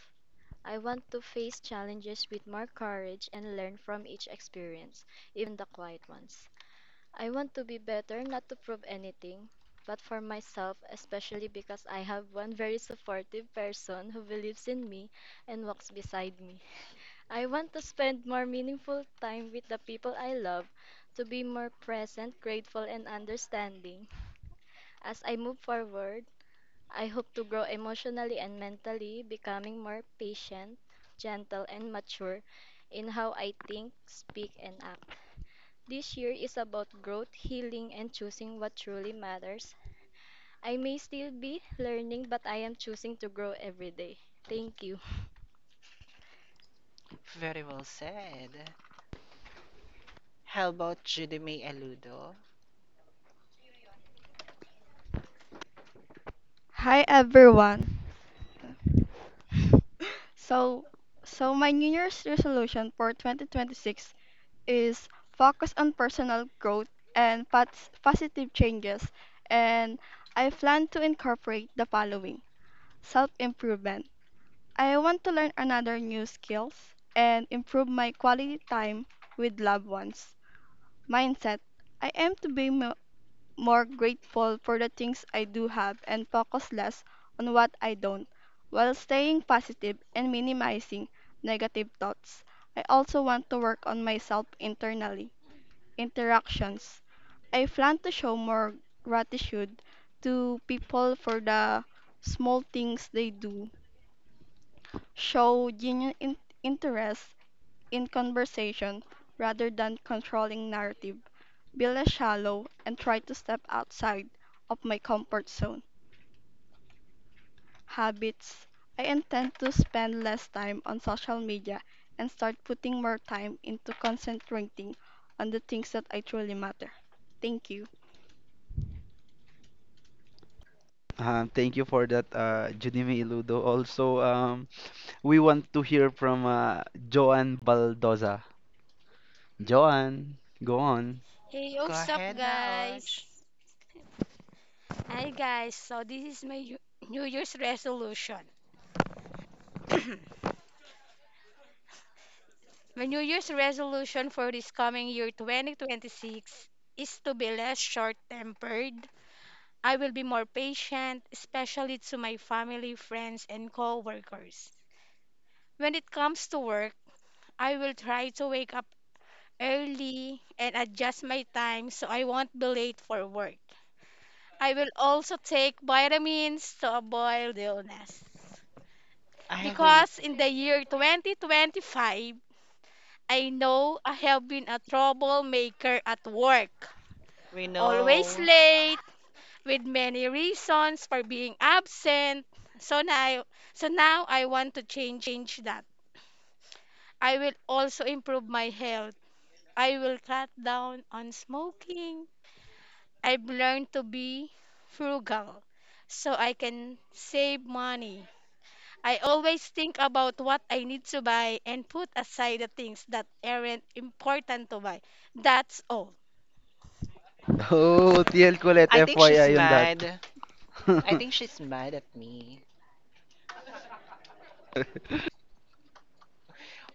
[SPEAKER 22] I want to face challenges with more courage and learn from each experience, even the quiet ones. I want to be better not to prove anything, but for myself, especially because I have one very supportive person who believes in me and walks beside me. I want to spend more meaningful time with the people I love, to be more present, grateful, and understanding. As I move forward, I hope to grow emotionally and mentally, becoming more patient, gentle, and mature in how I think, speak, and act. This year is about growth, healing, and choosing what truly matters. I may still be learning, but I am choosing to grow every day. Thank you.
[SPEAKER 1] Very well said. How about Judy May Aludo?
[SPEAKER 23] Hi everyone. So, so my New Year's resolution for twenty twenty-six is focus on personal growth and pos- positive changes, and I plan to incorporate the following: self-improvement. I want to learn another new skills and improve my quality time with loved ones. Mindset. I aim to be mo more grateful for the things I do have and focus less on what I don't, while staying positive and minimizing negative thoughts. I also want to work on myself internally. Interactions. I plan to show more gratitude to people for the small things they do, show genuine in- interest in conversation rather than controlling narrative, build a shallow, and try to step outside of my comfort zone. Habits, I intend to spend less time on social media and start putting more time into concentrating on the things that I truly matter. Thank you.
[SPEAKER 2] Um, thank you for that, uh, Junimi Iludo. Also, um, we want to hear from uh, Joan Baldoza. Joan, go on.
[SPEAKER 24] Hey, oh,
[SPEAKER 1] Go
[SPEAKER 24] sup,
[SPEAKER 1] ahead na, Och.
[SPEAKER 24] guys? Hi, guys. So, this is my Yu- New Year's resolution. my New Year's resolution for this coming year, twenty twenty-six, is to be less short tempered. I will be more patient, especially to my family, friends, and co workers. When it comes to work, I will try to wake up early and adjust my time so I won't be late for work. I will also take vitamins to avoid illness.
[SPEAKER 1] I hope
[SPEAKER 24] Because in the year twenty twenty-five, I know I have been a troublemaker at work.
[SPEAKER 1] we
[SPEAKER 24] Always
[SPEAKER 1] know.
[SPEAKER 24] late, with many reasons for being absent. So now, so now I want to change that. I will also improve my health. I will cut down on smoking. I've learned to be frugal so I can save money. I always think about what I need to buy and put aside the things that aren't important to buy. That's all.
[SPEAKER 2] Oh, T L Colette,
[SPEAKER 1] I think she's
[SPEAKER 2] F Y I on that.
[SPEAKER 1] mad. I think she's mad at me.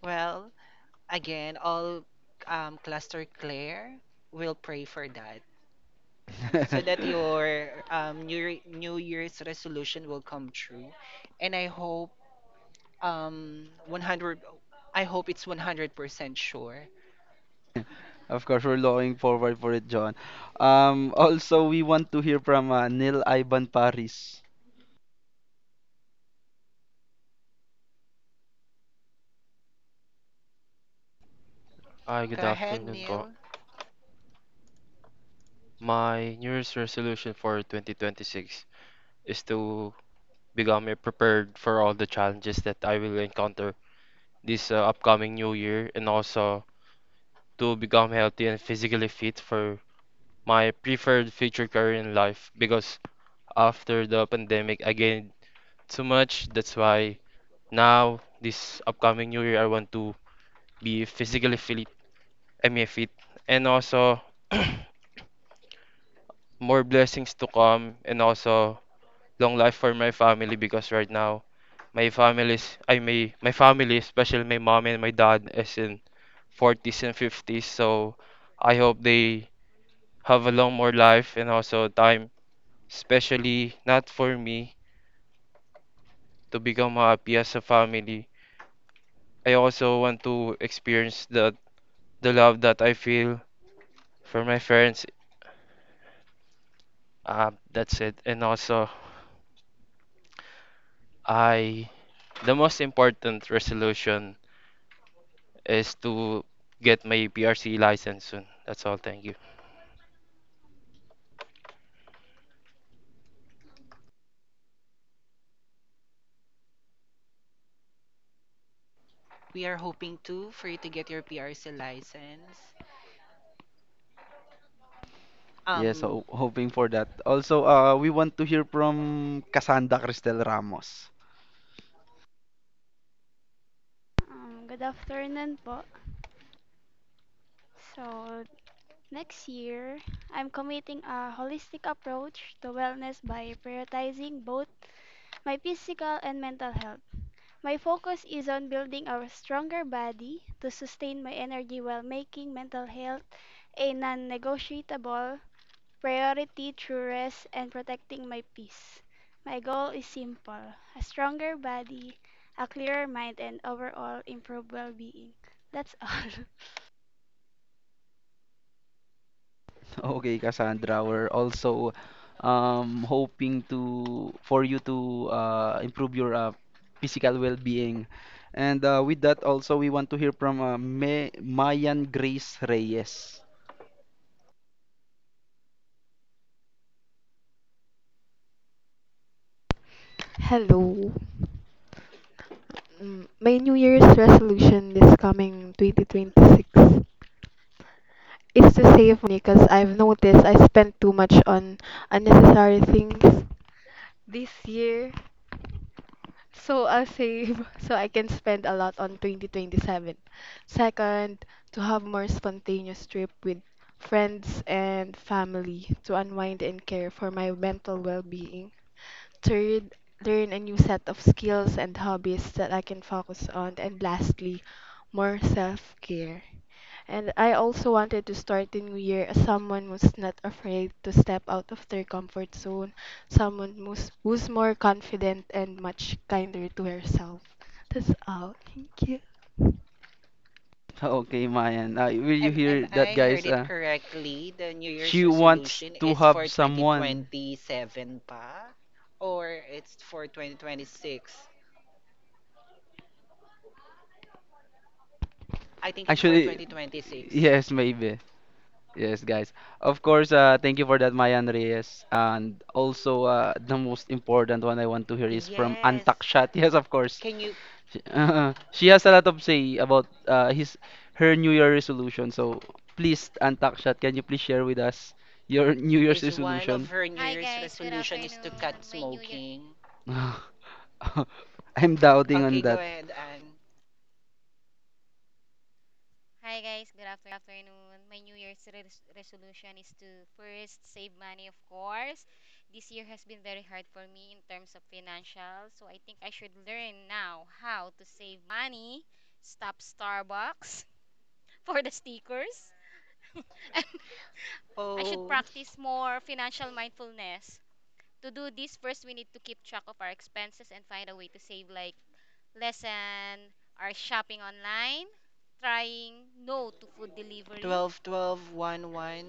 [SPEAKER 1] Well, again, all um, Cluster Claire will pray for that, so that your um, new, Year- new Year's resolution will come true. And I hope, um, one hundred, I hope it's one hundred percent sure.
[SPEAKER 2] Of course, we're looking forward for it, John. Um, also, we want to hear from uh, Neil Ivan Paris.
[SPEAKER 25] Hi,
[SPEAKER 1] Go
[SPEAKER 25] good
[SPEAKER 1] ahead,
[SPEAKER 25] afternoon po.
[SPEAKER 1] Neil.
[SPEAKER 25] My New Year's resolution for twenty twenty-six is to become uh, prepared for all the challenges that I will encounter this uh, upcoming new year, and also to become healthy and physically fit for my preferred future career in life, because after the pandemic I gained too much. That's why now this upcoming new year I want to be physically fit, I mean fit, and also more blessings to come, and also long life for my family, because right now my family's I may my family, especially my mom and my dad, is in forties and fifties. So I hope they have a long more life and also time, especially not for me, to become happy as a family. I also want to experience the the love that I feel for my friends. Uh, that's it. And also I the most important resolution is to get my P R C license soon. That's all. Thank you.
[SPEAKER 1] We are hoping too for you to get your P R C license.
[SPEAKER 2] Yes,
[SPEAKER 1] Um,
[SPEAKER 2] so hoping for that. Also, uh, we want to hear from Cassandra Cristel Ramos.
[SPEAKER 26] Um, good afternoon po. So next year, I'm committing a holistic approach to wellness by prioritizing both my physical and mental health. My focus is on building a stronger body to sustain my energy while making mental health a non-negotiable priority through rest and protecting my peace. My goal is simple: a stronger body, a clearer mind, and overall improved well-being. That's all.
[SPEAKER 2] Okay, Cassandra, we're also um, hoping to for you to uh, improve your uh, physical well-being. And uh, with that, also we want to hear from uh, May Mayan Grace Reyes.
[SPEAKER 27] Hello. Mm, My New Year's resolution this coming twenty twenty-six is to save money because I've noticed I spent too much on unnecessary things this year. So I'll save so I can spend a lot on twenty twenty-seven. Second, to have more spontaneous trip with friends and family to unwind and care for my mental well-being. Third, learn a new set of skills and hobbies that I can focus on. And lastly, more self care. And I also wanted to start the new year as someone who's not afraid to step out of their comfort zone, someone who's, who's more confident and much kinder to herself. That's all. Thank you.
[SPEAKER 2] Okay, Mayan, uh, will you
[SPEAKER 1] am,
[SPEAKER 2] hear
[SPEAKER 1] am
[SPEAKER 2] that,
[SPEAKER 1] I heard
[SPEAKER 2] guys?
[SPEAKER 1] it
[SPEAKER 2] Uh,
[SPEAKER 1] correctly? The New Year's
[SPEAKER 2] she wants
[SPEAKER 1] resolution
[SPEAKER 2] to
[SPEAKER 1] is for
[SPEAKER 2] have someone.
[SPEAKER 1] twenty twenty-seven pa? Or it's for twenty twenty-six? I think it's for
[SPEAKER 2] Actually,
[SPEAKER 1] twenty twenty-six.
[SPEAKER 2] yes, maybe. Yes, guys. Of course, uh, thank you for that, Mayan Reyes. And also, uh, the most important one I want to hear is from
[SPEAKER 1] Yes.
[SPEAKER 2] Antak Chat. Yes, of course.
[SPEAKER 1] Can you,
[SPEAKER 2] She, she has a lot of say about uh, his her New Year resolution. So please, Antak Chat, can you please share with us your New Year's
[SPEAKER 1] is one of
[SPEAKER 2] resolution?
[SPEAKER 1] her New
[SPEAKER 28] Hi
[SPEAKER 1] Year's
[SPEAKER 28] guys, good
[SPEAKER 1] resolution is to cut
[SPEAKER 28] afternoon. My new year
[SPEAKER 1] smoking?
[SPEAKER 2] I'm doubting on
[SPEAKER 1] Okay, go
[SPEAKER 2] that.
[SPEAKER 1] ahead, Anne.
[SPEAKER 28] Hi guys, good afternoon. My new year's res- resolution is to first save money, of course. This year has been very hard for me in terms of financial, so I think I should learn now how to save money, stop Starbucks for the stickers. I should
[SPEAKER 1] Oh,
[SPEAKER 28] practice more financial mindfulness. To do this, first we need to keep track of our expenses and find a way to save, like lessen our shopping online, trying no to food delivery.
[SPEAKER 1] twelve, twelve, one, 1.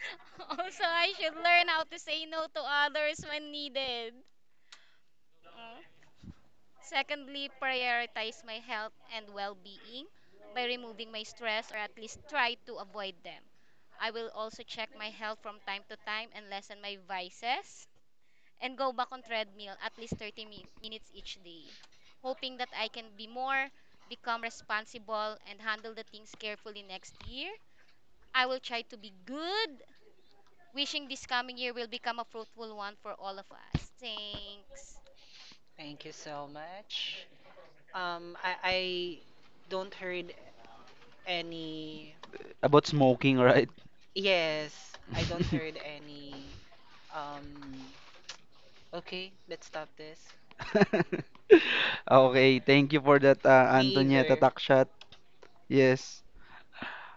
[SPEAKER 28] Also, I should learn how to say no to others when needed. Mm. Secondly, prioritize my health and well-being by removing my stress or at least try to avoid them. I will also check my health from time to time and lessen my vices and go back on treadmill at least thirty min- minutes each day, hoping that I can be more, become responsible, and handle the things carefully next year. I will try to be good, wishing this coming year will become a fruitful one for all of us. Thanks.
[SPEAKER 1] Thank you so much. Um, I, I don't heard any.
[SPEAKER 2] About smoking, right?
[SPEAKER 1] Yes, I don't heard any. Um, okay, let's stop this.
[SPEAKER 2] Okay, thank you for that, uh,
[SPEAKER 1] Me
[SPEAKER 2] Antonietta
[SPEAKER 1] either.
[SPEAKER 2] Takshat. Yes.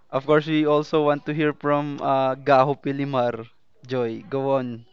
[SPEAKER 2] Of course, we also want to hear from uh, Gaho Pilimar. Joy, go on.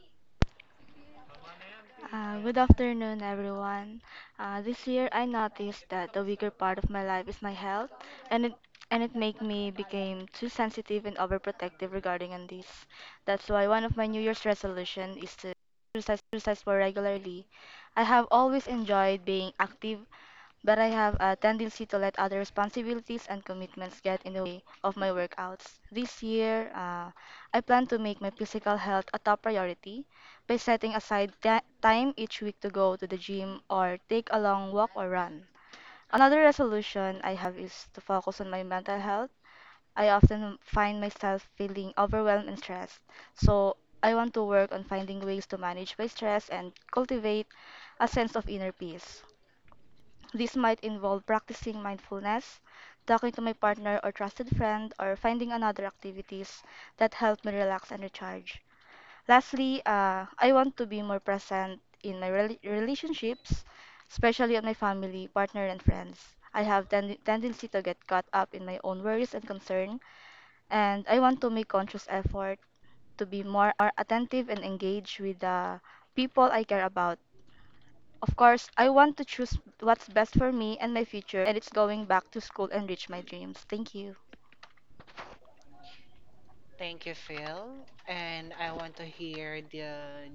[SPEAKER 1] Thank you, Phil. And I want to hear the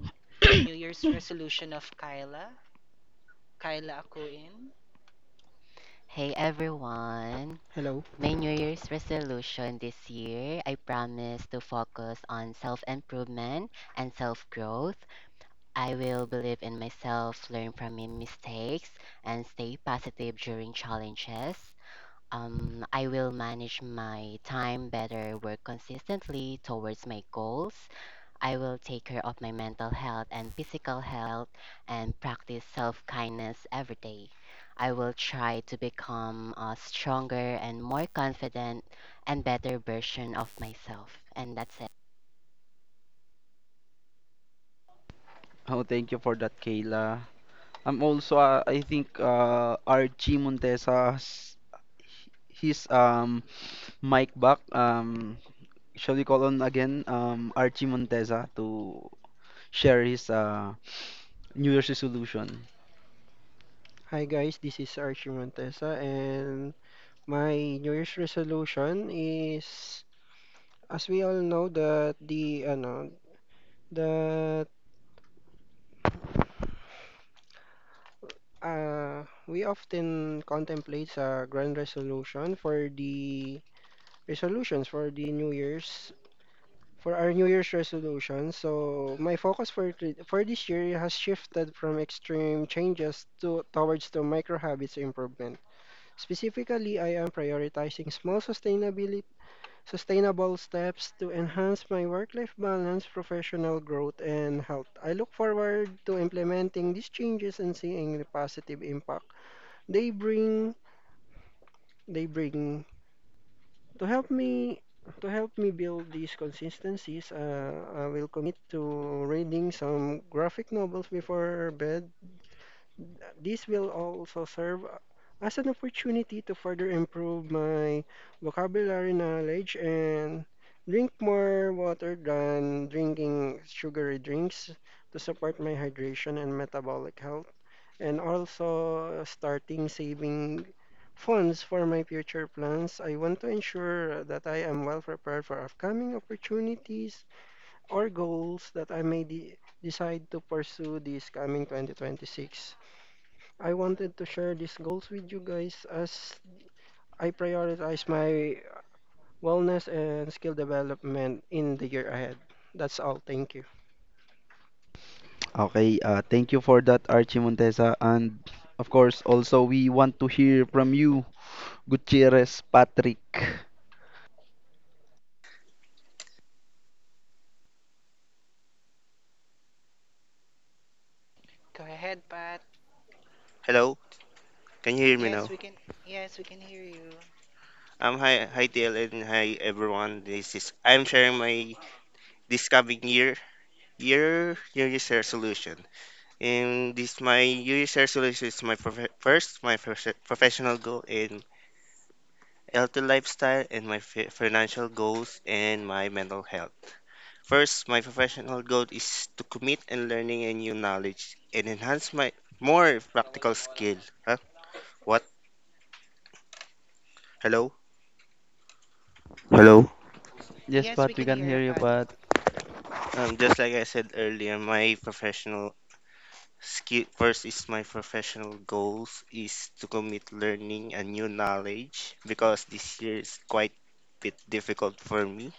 [SPEAKER 1] New Year's resolution of Kyla. Kyla Akuin.
[SPEAKER 29] Hey everyone!
[SPEAKER 30] Hello.
[SPEAKER 29] My New Year's resolution this year, I promise to focus on self improvement and self growth. I will believe in myself, learn from my mistakes, and stay positive during challenges. Um, I will manage my time better, work consistently towards my goals. I will take care of my mental health and physical health and practice self kindness every day. I will try to become a stronger and more confident and better version of myself. And that's it.
[SPEAKER 2] Oh, thank you for that, Kayla. I'm also, uh, I think, uh, Archie Montesa, has his um, mic back. Um, shall we call on again um, Archie Montesa to share his uh, New Year's resolution?
[SPEAKER 30] Hi guys, this is Archie Montesa and my New Year's resolution is as we all know that the ano that uh we often contemplate a grand resolution for the resolutions for the New Year's for our New Year's resolution. So my focus for thi- for this year has shifted from extreme changes to towards the micro habits improvement. Specifically, I am prioritizing small sustainability sustainable steps to enhance my work-life balance, professional growth, and health. I look forward to implementing these changes and seeing the positive impact they bring they bring to help me to help me build these consistencies. Uh, I will commit to reading some graphic novels before bed. This will also serve as an opportunity to further improve my vocabulary knowledge and drink more water than drinking sugary drinks to support my hydration and metabolic health, and also starting saving funds for my future plans. I want to ensure that I am well prepared for upcoming opportunities or goals that I may de- decide to pursue this coming twenty twenty-six. I wanted to share these goals with you guys as I prioritize my wellness and skill development in the year ahead. That's all. Thank you.
[SPEAKER 2] Okay, uh, thank you for that, Archie Montesa. And of course, also, we want to hear from you, Gutierrez Patrick.
[SPEAKER 1] Go ahead, Pat.
[SPEAKER 31] Hello, can you hear me
[SPEAKER 1] Yes,
[SPEAKER 31] now?
[SPEAKER 1] we can. Yes, we can hear you.
[SPEAKER 31] Um, hi, hi T L and hi everyone. This is I'm sharing my this coming year year New Year's resolution. And this my New Year's resolution is my prof- first my prof- professional goal in healthy lifestyle and my fi- financial goals and my mental health. First, my professional goal is to commit and learning a new knowledge and enhance my more practical skill. Huh? What? Hello. Hello.
[SPEAKER 2] Yes,
[SPEAKER 1] Yes, we
[SPEAKER 2] Pat, we
[SPEAKER 1] can
[SPEAKER 2] can
[SPEAKER 1] hear
[SPEAKER 2] hear
[SPEAKER 1] you,
[SPEAKER 2] you,
[SPEAKER 1] Pat.
[SPEAKER 2] Pat.
[SPEAKER 31] Um, just like I said earlier, my professional skill first is my professional goals is to commit learning and new knowledge because this year is quite bit difficult for me,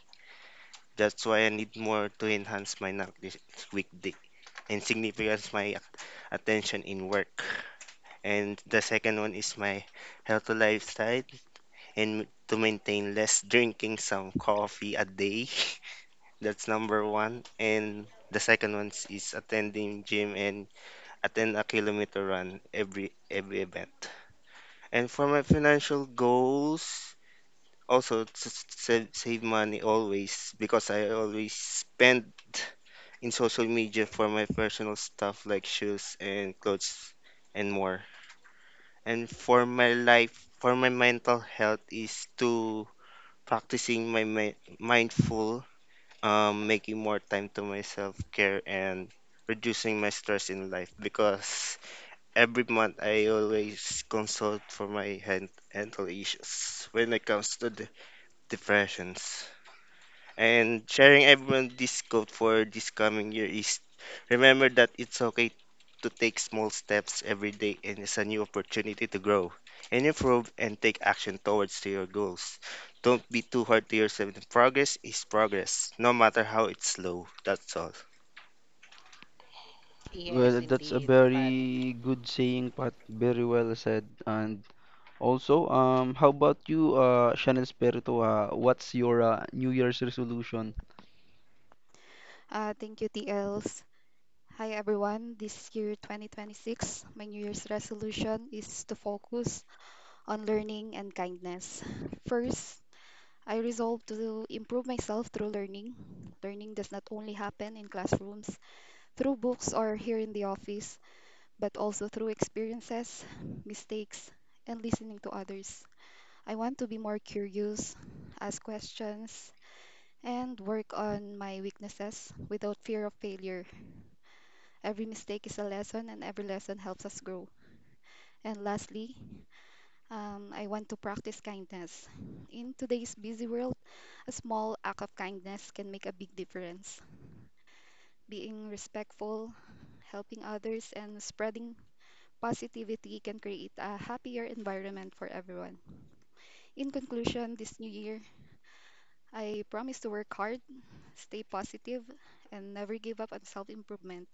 [SPEAKER 31] that's why I need more to enhance my knowledge weekday and significance my attention in work. And the second one is my healthy lifestyle and to maintain less drinking some coffee a day that's number one. And the second one is attending gym and attend a kilometer run every every event. And for my financial goals, also to s- save, save money always because I always spend in social media for my personal stuff like shoes and clothes and more. And for my life, for my mental health is to practicing my mi- mindful, um, making more time to myself care and reducing my stress in life because every month, I always consult for my hen- mental issues when it comes to the depressions. And sharing everyone this quote for this coming year is remember that it's okay to take small steps every day and it's a new opportunity to grow and improve and take action towards to your goals. Don't be too hard to yourself. Progress is progress, no matter how it's slow. That's all.
[SPEAKER 1] Yes,
[SPEAKER 2] Well, that's a
[SPEAKER 1] indeed, Pat.
[SPEAKER 2] very good saying, Pat. Very well said. And also, um, how about you, uh, Chanel Spirito? Uh, what's your uh, New Year's resolution?
[SPEAKER 32] Uh, thank you, T Ls. Hi, everyone. This year, twenty twenty-six, my New Year's resolution is to focus on learning and kindness. First, I resolve to improve myself through learning. Learning does not only happen in classrooms, through books, or here in the office, but also through experiences, mistakes, and listening to others. I want to be more curious, ask questions, and work on my weaknesses without fear of failure. Every mistake is a lesson, and every lesson helps us grow. And lastly, um, I want to practice kindness. In today's busy world, a small act of kindness can make a big difference. Being respectful, helping others, and spreading positivity can create a happier environment for everyone. In conclusion, this new year, I promise to work hard, stay positive, and never give up on self improvement.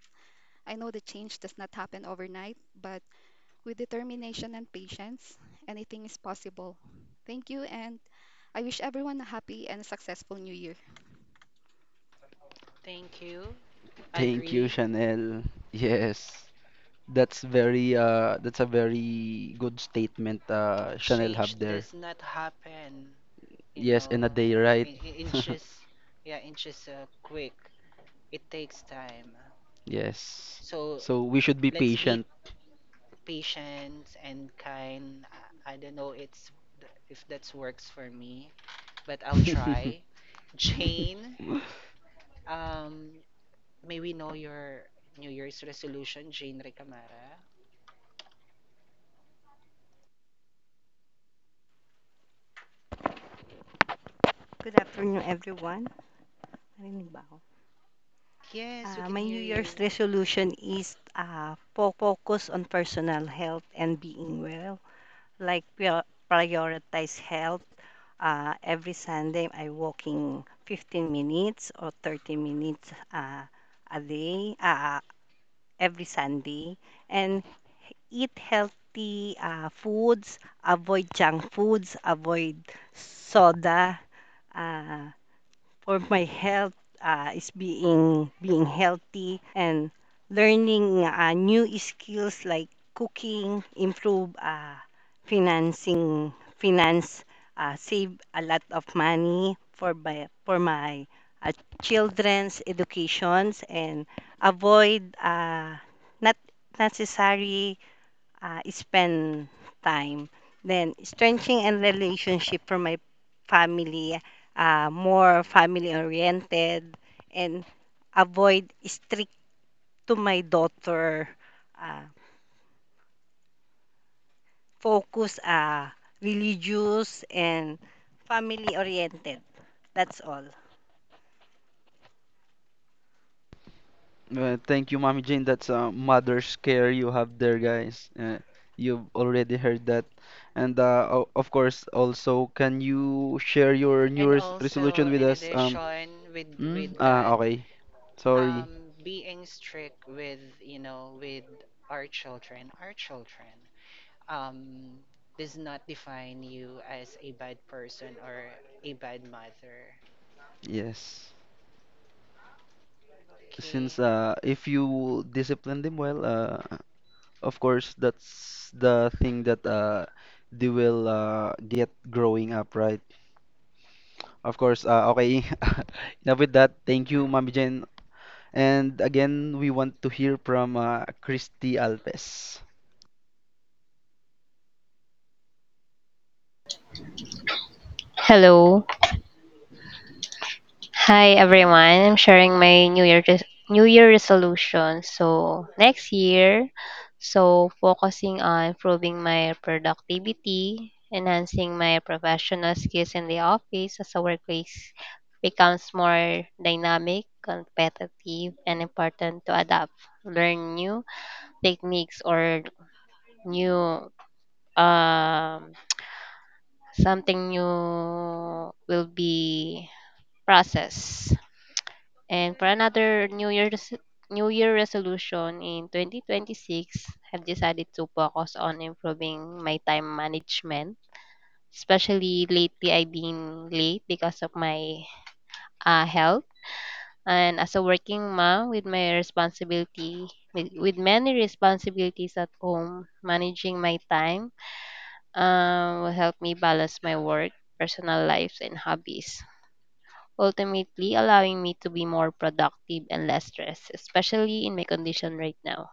[SPEAKER 32] I know the change does not happen overnight, but with determination and patience, anything is possible. Thank you, and I wish everyone a happy and successful New Year.
[SPEAKER 1] Thank you.
[SPEAKER 2] Thank you,
[SPEAKER 1] Agree.
[SPEAKER 2] Chanel. Yes, that's very uh, that's a very good statement, uh, Chanel
[SPEAKER 1] Change
[SPEAKER 2] have there.
[SPEAKER 1] does not happen, you
[SPEAKER 2] Yes, in
[SPEAKER 1] know,
[SPEAKER 2] a day, right?
[SPEAKER 1] in, in inches. Yeah, inches uh, quick. It takes time.
[SPEAKER 2] Yes.
[SPEAKER 1] So
[SPEAKER 2] So we should be
[SPEAKER 1] let's be
[SPEAKER 2] patient.
[SPEAKER 1] patient and kind. I, I don't know it's if that works for me, but I'll try. Jane, um, may we know your New Year's resolution, Jane Recamara?
[SPEAKER 33] Good afternoon, everyone. Narinig ba ako?
[SPEAKER 1] Yes, we
[SPEAKER 33] Ah,
[SPEAKER 1] can
[SPEAKER 33] my New
[SPEAKER 1] hear
[SPEAKER 33] Year's
[SPEAKER 1] you.
[SPEAKER 33] resolution is ah, focus on personal health and being well. Like prior- prioritize health. Ah, every Sunday, I walking fifteen minutes or thirty minutes ah, a day, ah, every Sunday. And eat healthy ah, foods, avoid junk foods, avoid soda, ah, for my health uh, is being being healthy and learning uh, new skills like cooking, improve uh, financing finance, uh, save a lot of money for my for my uh, children's educations and avoid uh, not necessary uh, spend time. Then strengthening and relationship from my family, uh, more family oriented, and avoid strict to my daughter. Uh, Focus uh, religious and family oriented. That's all.
[SPEAKER 2] Uh, thank you, Mommy Jane. That's a mother's care you have there, guys. Uh, you've already heard that. And uh, o- of course, also, can you share your New
[SPEAKER 1] And
[SPEAKER 2] Year's
[SPEAKER 1] also,
[SPEAKER 2] resolution with
[SPEAKER 1] in
[SPEAKER 2] us? Um,
[SPEAKER 1] addition, with
[SPEAKER 2] mm?
[SPEAKER 1] with
[SPEAKER 2] Ah,
[SPEAKER 1] that,
[SPEAKER 2] okay. Sorry.
[SPEAKER 1] um, being strict with, you know with our children, our children, um, does not define you as a bad person or a bad mother.
[SPEAKER 2] Yes. Since
[SPEAKER 1] Okay.
[SPEAKER 2] uh, if you discipline them well, uh, of course, that's the thing that uh, they will uh, get growing up, right? Of course, uh, okay. Enough with that. Thank you, Mommy Jane. And again, we want to hear from uh, Christy Alves.
[SPEAKER 34] Hello. Hi everyone.
[SPEAKER 1] Yes.
[SPEAKER 34] I'm sharing my new year res- new year resolution. So, next year, so focusing on improving my productivity, enhancing my professional skills in the office as a workplace becomes more dynamic, competitive, and important to adapt, learn new techniques or new um something new will be process. And for another New Year's New Year resolution in twenty twenty-six, I've decided to focus on improving my time management. Especially lately, I've been late because of my uh, health. And as a working mom with my responsibility, with, with many responsibilities at home, managing my time um, will help me balance my work, personal lives, and hobbies, ultimately allowing me to be more productive and less stressed, especially in my condition right now.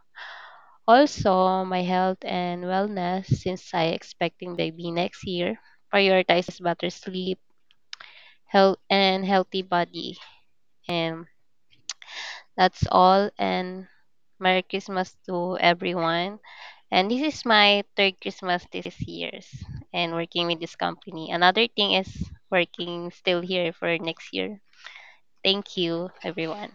[SPEAKER 34] Also, my health and wellness, since I expecting baby next year, prioritize better sleep, health, and healthy body. And that's all. And Merry Christmas to everyone. And this is my third Christmas this year's and working with this company. Another thing is working still here for next year. Thank you, everyone.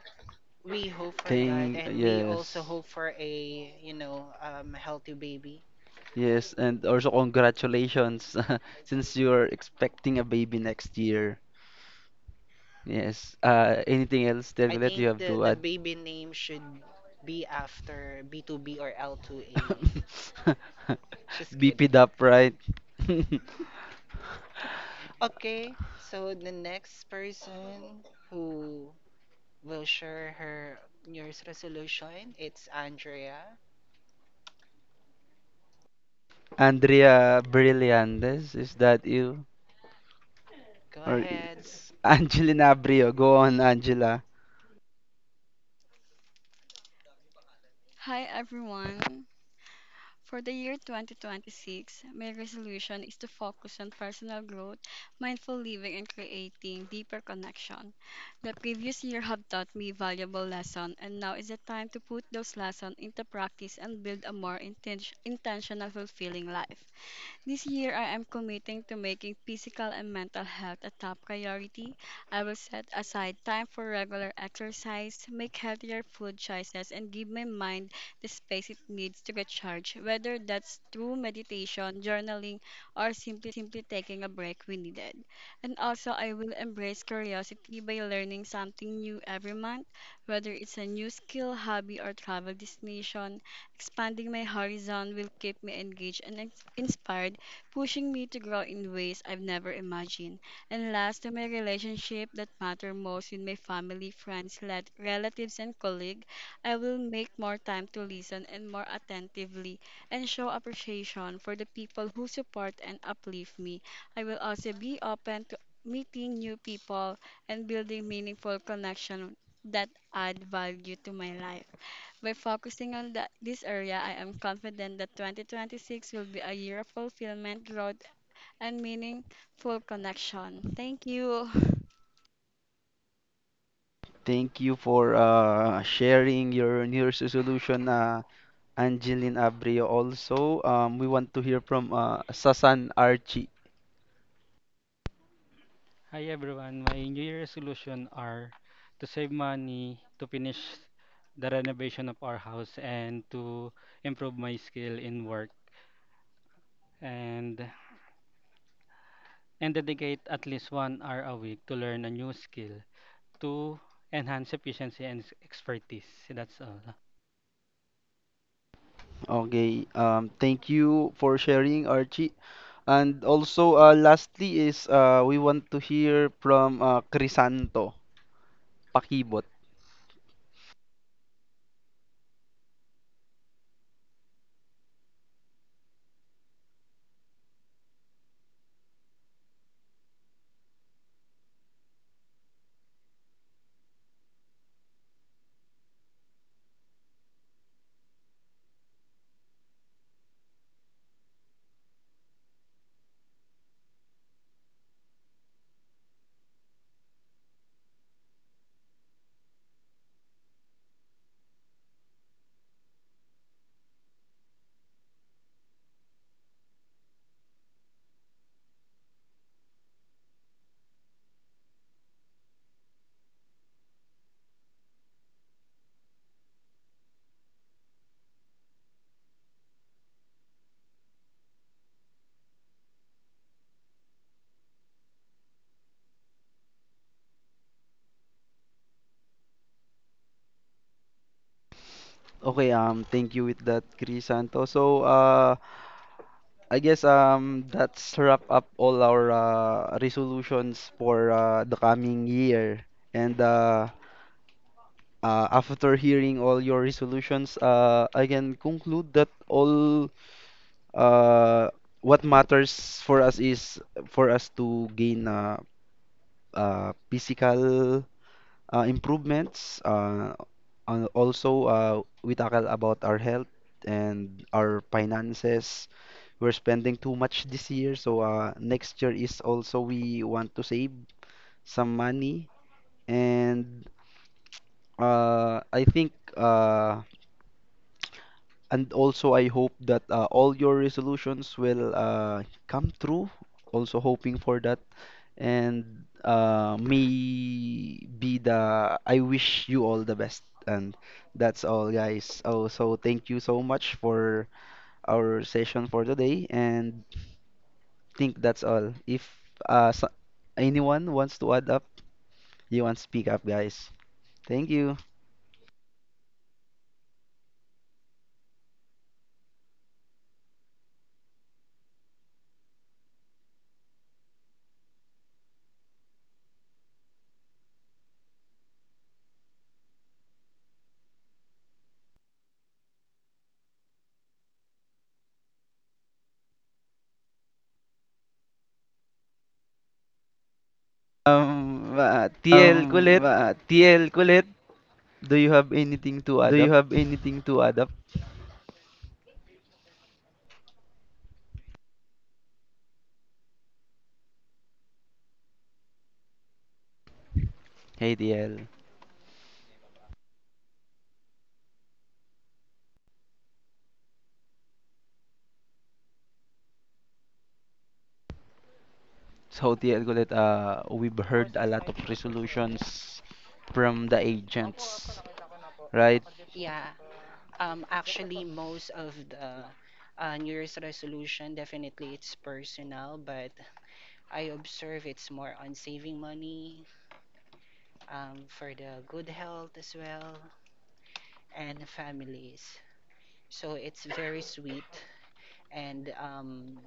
[SPEAKER 1] We hope for that,
[SPEAKER 2] Thank,
[SPEAKER 1] and we also
[SPEAKER 2] yes,
[SPEAKER 1] hope for a, you know, um, healthy baby.
[SPEAKER 2] yes, and also congratulations since you're expecting a baby next year. Yes. Uh, anything else,
[SPEAKER 1] I
[SPEAKER 2] Tergulet, you
[SPEAKER 1] think
[SPEAKER 2] have
[SPEAKER 1] the
[SPEAKER 2] to
[SPEAKER 1] the
[SPEAKER 2] add?
[SPEAKER 1] baby name should be after B two B or L two A. Just
[SPEAKER 2] Beep it
[SPEAKER 1] kidding.
[SPEAKER 2] up, right?
[SPEAKER 1] Okay, so the next person who will share her New Year's resolution, it's Andrea.
[SPEAKER 2] Andrea Brillantes, is that you?
[SPEAKER 1] Go
[SPEAKER 2] Or
[SPEAKER 1] ahead.
[SPEAKER 2] it's Angelina Abrio. Go on, Angela.
[SPEAKER 35] Hi everyone. For the year twenty twenty-six, my resolution is to focus on personal growth, mindful living, and creating deeper connection. The previous year have taught me valuable lesson, and now is the time to put those lessons into practice and build a more inten- intentional, fulfilling life. This year, I am committing to making physical and mental health a top priority. I will set aside time for regular exercise, make healthier food choices, and give my mind the space it needs to recharge, whether that's through meditation, journaling, or simply taking a break when needed. And also, I will embrace curiosity by learning something new every month, whether it's a new skill, hobby, or travel destination. Expanding my horizon will keep me engaged and ins- inspired pushing me to grow in ways I've never imagined. And last, to my relationship that matter most with my family, friends, let- relatives, and colleagues. I will make more time to listen and more attentively and show appreciation for the people who support and uplift me. I will also be open to meeting new people and building meaningful connection that add value to my life. By focusing on the, this area, I am confident that twenty twenty-six will be a year of fulfillment, growth, and meaningful connection. Thank you.
[SPEAKER 2] Thank you for uh, sharing your New Year's resolution. Uh, Angeline Abrio also. Um, we want to hear from uh, Sasan Archie.
[SPEAKER 36] Hi everyone, my New Year resolution are to save money, to finish the renovation of our house, and to improve my skill in work, and and dedicate at least one hour a week to learn a new skill, to enhance efficiency and s- expertise. That's all.
[SPEAKER 2] Okay, um, thank you for sharing, Archie. And also, uh, lastly is uh, we want to hear from uh, Crisanto Pakibot. Okay, um, thank you with that, Crisanto. So, uh, I guess um, that's wrap up all our uh, resolutions for uh, the coming year. And uh, Uh, after hearing all your resolutions, uh, I can conclude that all uh, what matters for us is for us to gain uh, uh, physical uh, improvements. Uh, and also, uh, we tackle about our health and our finances. We're spending too much this year, so uh, next year is also we want to save some money. And uh, I think. Uh, And also, I hope that uh, all your resolutions will uh, come true. Also, hoping for that. And uh, may be the, I wish you all the best. And that's all, guys. Oh, so thank you so much for our session for today. And think that's all. If uh, so- anyone wants to add up, you want to speak up, guys. Thank you. Um, uh, T L
[SPEAKER 37] Um,
[SPEAKER 2] Kulit,
[SPEAKER 37] ah, T L, Colette,
[SPEAKER 2] do you have anything to
[SPEAKER 37] do
[SPEAKER 2] add
[SPEAKER 37] you
[SPEAKER 2] up?
[SPEAKER 37] have anything to add up?
[SPEAKER 2] Hey, T L. So the algorithm, uh, we've heard a lot of
[SPEAKER 1] four hundred sixty-five thousand, four hundred forty-seven.
[SPEAKER 2] resolutions from the
[SPEAKER 1] Opo, opo,
[SPEAKER 2] agents,
[SPEAKER 1] nakita ko na po.
[SPEAKER 2] right?
[SPEAKER 1] Nakadip po. Yeah. Uh, Um, actually, most of the uh, New Year's resolution, definitely it's personal, but I observe it's more on saving money, um, for the good health as well and families. So it's very sweet and, um,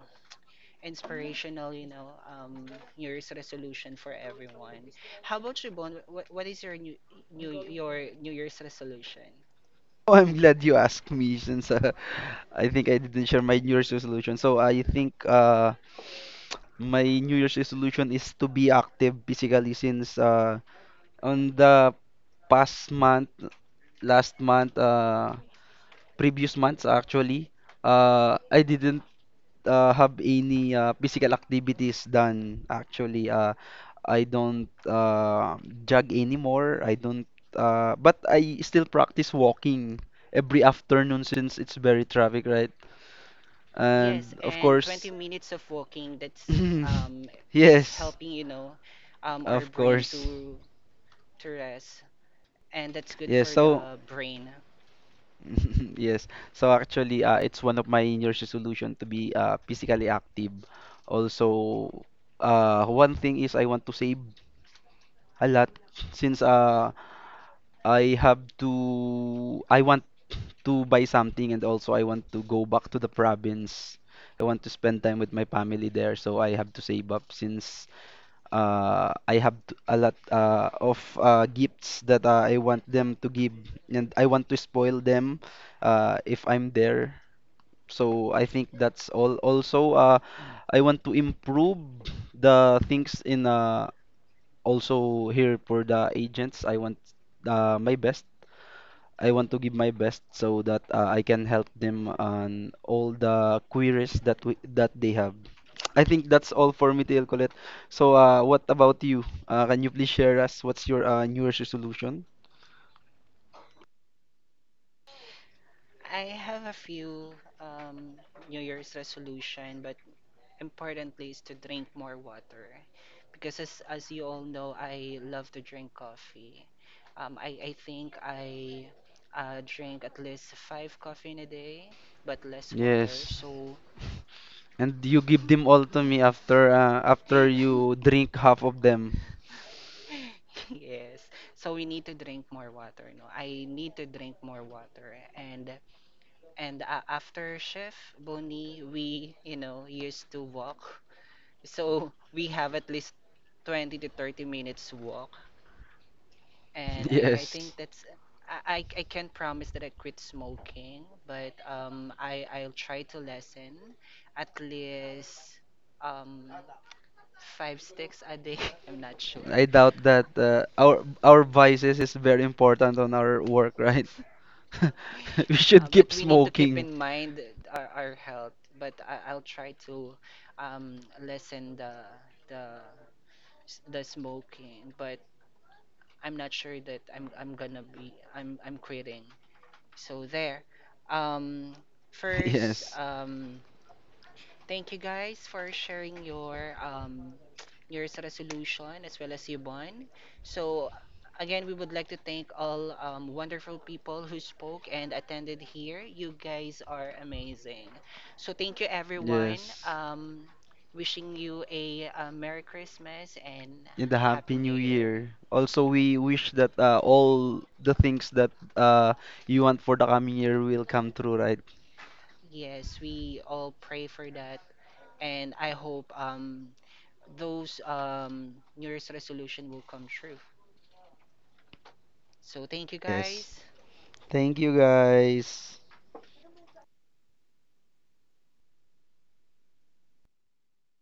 [SPEAKER 1] inspirational, you know, um, New Year's resolution for everyone. How about you, Bon? What, what is your new, new your New Year's resolution?
[SPEAKER 2] Oh, I'm glad you asked me since uh, I think I didn't share my New Year's resolution. So I think uh, my New Year's resolution is to be active physically since uh, on the past month, last month, uh, previous months actually, uh, I didn't uh, have any uh, physical activities done. Actually, uh, I don't uh, jog anymore. I don't, uh, but I still practice walking every afternoon since it's very traffic, right?
[SPEAKER 1] Yes,
[SPEAKER 2] And of
[SPEAKER 1] and twenty
[SPEAKER 2] course,
[SPEAKER 1] minutes of walking, that's um, it's
[SPEAKER 2] yes,
[SPEAKER 1] helping, you know, um, our
[SPEAKER 2] of
[SPEAKER 1] brain
[SPEAKER 2] course,
[SPEAKER 1] to to rest, and that's good
[SPEAKER 2] yes.
[SPEAKER 1] for
[SPEAKER 2] So,
[SPEAKER 1] the brain.
[SPEAKER 2] yes. So actually, uh, it's one of my New Year's resolution to be uh, physically active. Also, uh, one thing is I want to save a lot since uh, I have to I want to buy something and also I want to go back to the province. I want to spend time with my family there, so I have to save up since uh, I have t- a lot uh, of uh, gifts that uh, I want them to give and I want to spoil them uh, if I'm there. So I think that's all. Also, uh, I want to improve the things in uh, also here for the agents. I want uh, my best I want to give my best so that uh, I can help them on all the queries that we, that they have. I think that's all for me, T L Colette. So, uh, what about you? Uh, can you please share us what's your uh, New Year's resolution?
[SPEAKER 1] I have a few um, New Year's resolution, but importantly is to drink more water because as as you all know I love to drink coffee, um I I think I uh drink at least five coffee in a day but less water,
[SPEAKER 2] Yes.
[SPEAKER 1] so
[SPEAKER 2] And you give them all to me after uh, after you drink half of them.
[SPEAKER 1] yes, so we need to drink more water. No, I need to drink more water. And and uh, after shift, Bonnie, we, you know used to walk, so we have at least twenty to thirty minutes walk. And I, I
[SPEAKER 2] Yes.
[SPEAKER 1] think that's I, I I can't promise that I quit smoking, but um I I'll try to lessen at least um five sticks a day. I'm not sure.
[SPEAKER 2] I doubt that uh, our our vices is very important on our work, right? We
[SPEAKER 1] Uh,
[SPEAKER 2] should keep
[SPEAKER 1] but we need to keep
[SPEAKER 2] smoking.
[SPEAKER 1] in mind our, our health. But I, I'll try to um lessen the the the smoking. But I'm not sure that I'm I'm gonna be I'm I'm quitting. So there. Um first
[SPEAKER 2] Yes.
[SPEAKER 1] um Thank you guys for sharing your um your resolution as well as your bond. So again, we would like to thank all um, wonderful people who spoke and attended here. You guys are amazing. So thank you everyone.
[SPEAKER 2] Yes.
[SPEAKER 1] Um, wishing you a, uh Merry Christmas and
[SPEAKER 2] in the Happy
[SPEAKER 1] Happy New
[SPEAKER 2] New
[SPEAKER 1] Year.
[SPEAKER 2] Year. Also, we wish that uh, all the things that uh, you want for the coming year will come true, right?
[SPEAKER 1] Yes, we all pray for that, and I hope um those um New Year's resolution will come true. So thank you guys.
[SPEAKER 2] Yes. Thank you, guys.